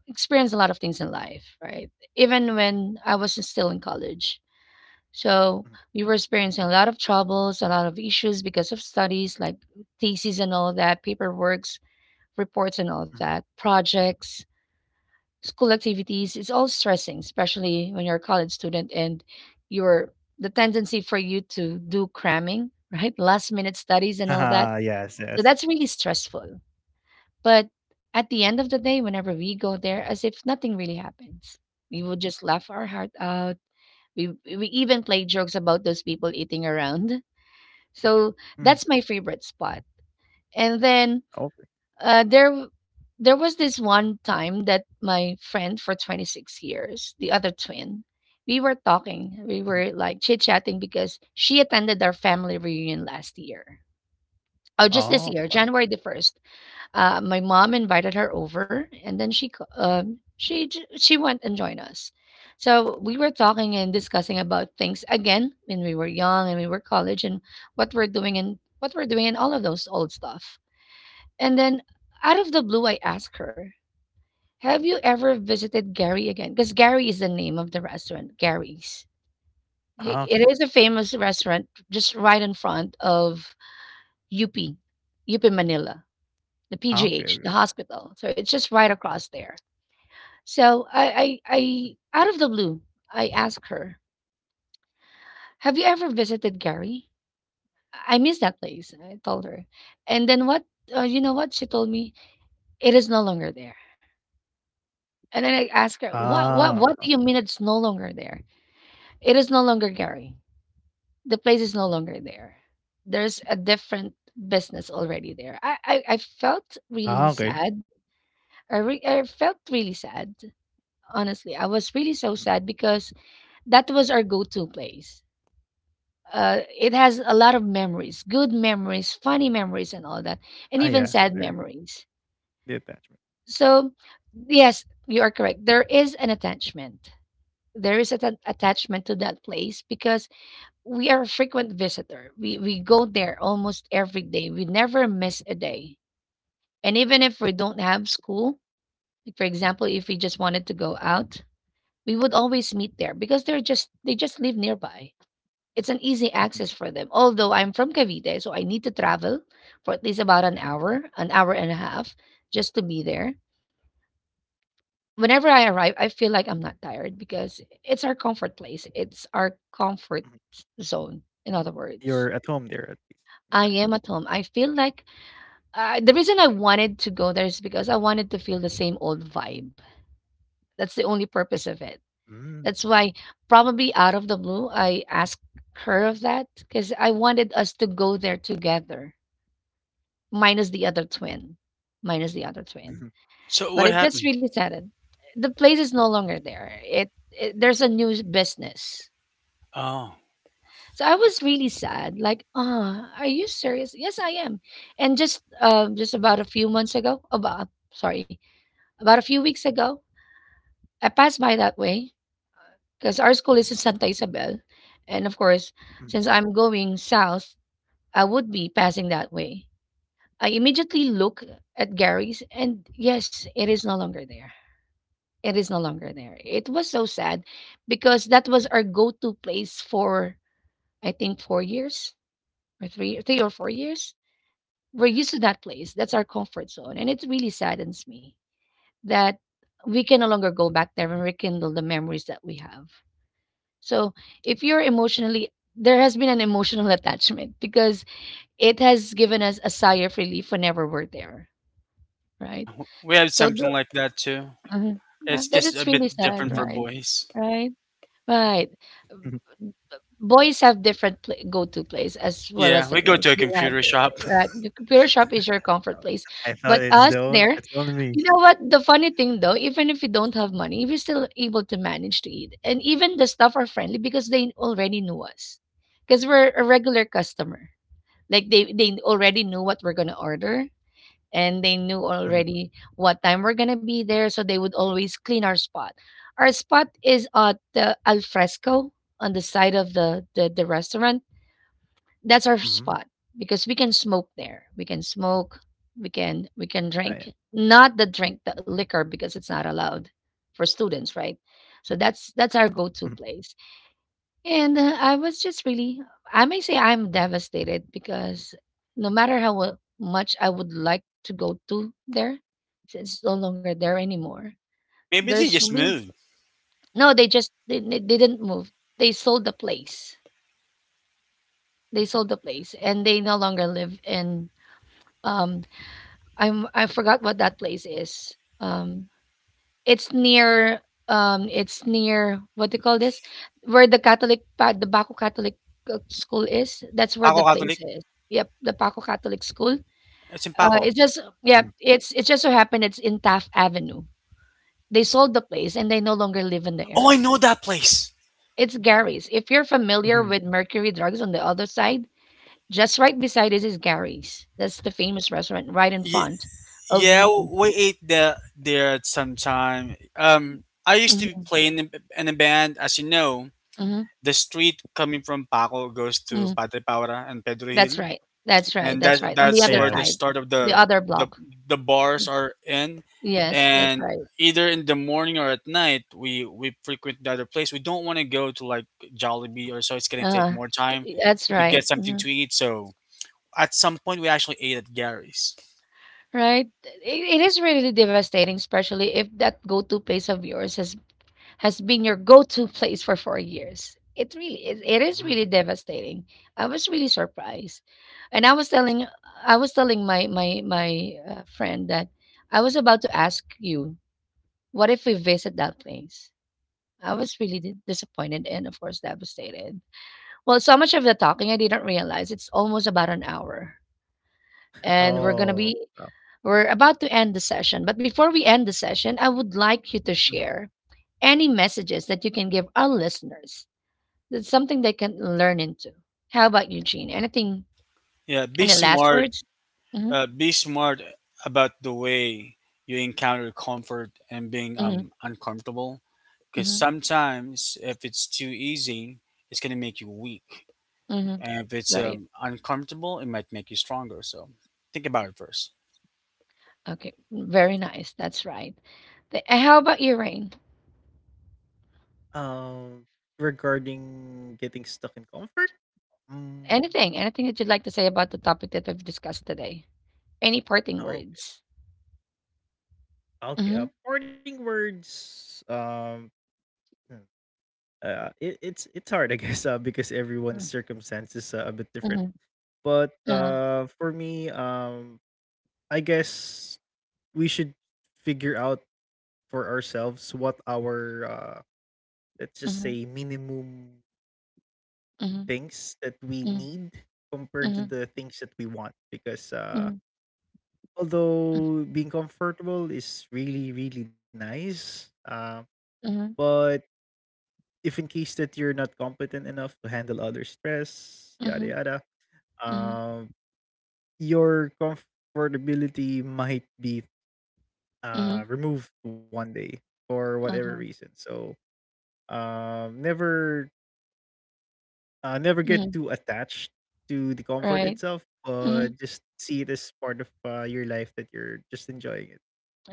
experienced a lot of things in life, right? Even when I was still in college, Mhm, so we were experiencing a lot of troubles, a lot of issues because of studies like theses and all that, paperworks, reports and all mhm. that, projects, school activities. It's all stressing, especially when you're a college student and you're the tendency for you to do cramming, right? Last minute studies and all that. Ah, yes, So yes. that's really stressful. But at the end of the day, whenever we go there, as if nothing really happens. We would just laugh our heart out. We even play jokes about those people eating around so Mhm. that's my favorite spot. And then Okay. uh, there w- there was this one time that my friend for 26 years, the other twin, we were Mhm. talking, we were like chit-chatting because she attended our family reunion last year. Oh, just Oh, this year, wow. January the 1st. My mom invited her over, and then she c- she j- she went and joined us. So we were talking and discussing about things again when we were young and we were college and what we're doing and all of those old stuff. And then out of the blue, I asked her, "Have you ever visited Gary again?" Because Gary is the name of the restaurant, Gary's. Ah, I- okay. It is a famous restaurant just right in front of UP, UP Manila, the Ah, okay, PGH, the okay. hospital. So it's just right across there. So Mhm. I out of the blue, I asked her, "Have you ever visited Gary? I miss that place." I told her, and then what? You know what? She told me it is no longer there. And then I Ah, asked her, "What? What? What do you mean it's no longer there? It is no longer Gary. The place is no longer there. There's a different." Business already there. I felt really ah, okay. sad. I felt really sad. Honestly, I was Mhm. really so sad because that was our go-to place. It has a lot of memories, good memories, funny memories, and all that, and Ah, even yeah, sad so there. memories. The attachment. So yes, you are correct, there is an attachment. There is an attachment to that place because we are a frequent visitor. We go there almost every day. We never miss a day. And even if we don't have school, like for example, if we just wanted to go out, we would always meet there because they just live nearby. It's an easy Mhm. access for them. Although I'm from Cavite, so I need to travel for at least about Yeah. An hour and a half, just to be there. Whenever I arrive, I feel like I'm not tired because it's our comfort place. It's our comfort Mhm. zone, in other words. You're at home there at least, I right? am at home. I feel like the reason I wanted to go there is because I wanted to feel the same old vibe. That's the only purpose of it. Mm. That's why, probably out of the blue, I asked her of that because I wanted us to go there together, minus the other twin, minus the other twin. Mhm. So what But it just happened? really saddened. The place is no longer there. It, there's a new s- business. Oh, So I was really sad. Like, ah, are you serious? Yes, I am. And just about a few months ago, about, sorry, about a few weeks ago, I passed by that way because our school is in Santa Isabel. And of course, Mhm. since I'm going south, I would be passing that way. I immediately look at Gary's, and yes, it is no longer there. It is no longer there. It was so sad because that was our go to place for, I think, 4 years, or 3 or 4 years. We're Oh, yeah. used to that place. That's our comfort zone. And it really saddens me that we can no longer go back there and rekindle the memories that we have. So if you're emotionally, there has been an emotional attachment because it has given us a sigh of relief whenever we're there, right? yeah. We had So th- something like that too. Mhm. Yeah, It's that just a it's Mhm. bit really sad, different for right? boys. Right? Right. Mhm. Boys have different pla go-to place as well as Yeah, the we go girls. to a You have, computer shop. right? The computer shop is your comfort Oh. place. I But thought it's us the on there, it's only you me. know what? The funny thing though, even if you don't have money, we're still able to manage to eat. And even the staff are friendly because they already knew us. Because we're a regular customer. Like they already knew what we're gonna order, and they knew Mhm. already what time we're gonna be there, so they would always clean our spot. Our spot is at the al fresco on the side of the, the restaurant. That's our Mhm. spot because we can smoke there. We can smoke. We can Oh, drink, yeah. not the drink, the liquor, because it's not allowed for students, right? So that's our Mhm. go-to place. And I was just really, I may say I'm devastated because no matter how much I would like to go to there, it's no longer there anymore. Maybe they There's just really, moved. no, they didn't move. They sold the place. They sold the place and they no longer live in, um, I'm, I forgot what that place is. It's near, it's near, what do you call this? Where the Catholic pa the Baco Catholic, school is, that's where Paco the place Catholic. is. Yep, the Baco Catholic School. It's in Paco. It's just, Mhm. yeah, it's it just so happened it's in Taft Avenue. They sold the place and they no longer live in the Oh, I area. know that place. It's Gary's. If you're Mhm. familiar with Mercury Drugs on the other side, just right beside it is Gary's. That's the famous restaurant right in Y- front of yeah, UP. we ate there at some time. I used to Mhm, play in a band. As you know, mhm, the street coming from Paco goes to mhm. Padre Paura and Pedro That's Hill, right. That's right. and That's right. On the that's Yes. other where the side, start Yeah. of the the other block. the bars Mm. are in. Yes, that's And right. either in the morning or at night, we frequent the other place. We don't want to go to like Jollibee or so, it's going to take Uh, more time that's to get right. something Mhm. to eat. So at some point we actually ate at Gary's. Right. It is really devastating, especially if that go-to place of yours has been your go-to place for 4 years. It really is. It is really Mhm. devastating. I was really surprised, and I was telling my my friend that I was about to ask you, what if we visit that place? I was really disappointed and, of course, devastated. Well, so much of the talking, I didn't realize it's almost about an hour. And we're going to Oh. be, we're about to end the session. But before we end the session, I would like you to Mhm. share any messages that you can give our listeners. That's something they can learn into. How about you, Gene? Anything, Yeah, be any last smart. words? Hmm. Be smart about the way you encounter comfort and being Hmm. Uncomfortable, because Hmm. sometimes if it's too easy it's going to make you weak. Hmm. And if it's Right. Uncomfortable, it might make you stronger. So think about it first. Okay. Very nice. That's right. How about you, Rain? Um, Regarding getting stuck in comfort? Mm. Anything, anything that you'd like to say about the topic that we've discussed today. Any parting Oh, okay. words? Okay. Mhm, Parting words, hmm, it it's hard, I guess, because everyone's mm, circumstances a bit different. mhm, But uh-huh, for me, I guess we should figure out for ourselves what our let's just say mhm, minimum mhm, things that we mhm, need compared to mhm, the things that we want. Because mhm, although being comfortable is really really nice, mm, but if in case that you're not competent enough to handle other stress, mhm, yada yada, mhm, mhm, um, your comfortability might be mhm, removed one day for whatever uh-huh, reason. So um, never never get mhm, too attached to the comfort right, itself, mhm, but just see it as part of your life that you're just enjoying it.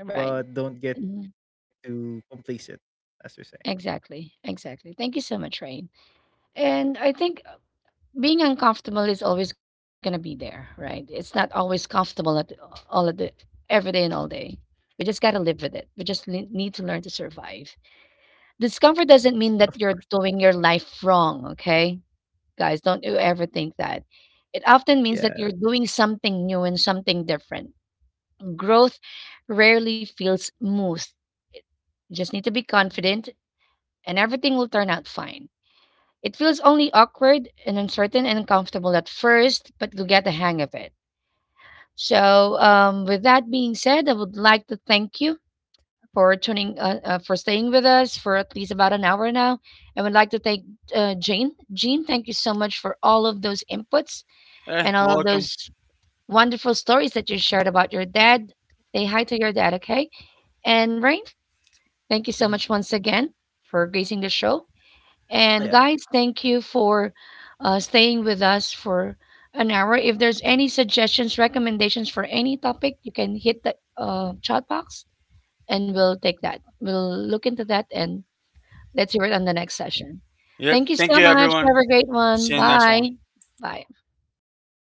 right, But don't get mhm, too complacent, as we say. exactly, exactly. Thank you so much, Rain. And I think being uncomfortable is always going to be there, right? It's not always comfortable at all at the every day and all day. We just got to live with it. We just need to learn to survive. Discomfort doesn't mean Of that you're course. doing your life wrong, okay? Guys, don't you ever think that. It often means that Yeah. you're doing something new and something different. Growth rarely feels smooth. You just need to be confident and everything will turn out fine. It feels only awkward and uncertain and uncomfortable at first, but you'll get the hang of it. So, with that being said, I would like to thank you for tuning, for staying with us for at least about an hour now. I would like to thank Jane. Jean, thank you so much for all of those inputs Eh, and all of welcome. those wonderful stories that you shared about your dad. Say hi to your dad, okay? And Rain, Hmm. thank you so much once again for gracing the show. Oh yeah. And guys, thank you for staying with us for an hour. If there's any suggestions, recommendations for any topic, you can hit the chat box and we'll take that. We'll look into that and let's hear it on the next session. Yep. Thank you Thank so you, much. Have everyone. Mm. a Yeah. great See one. you in the next one. Bye. Bye. Have a good day, guys.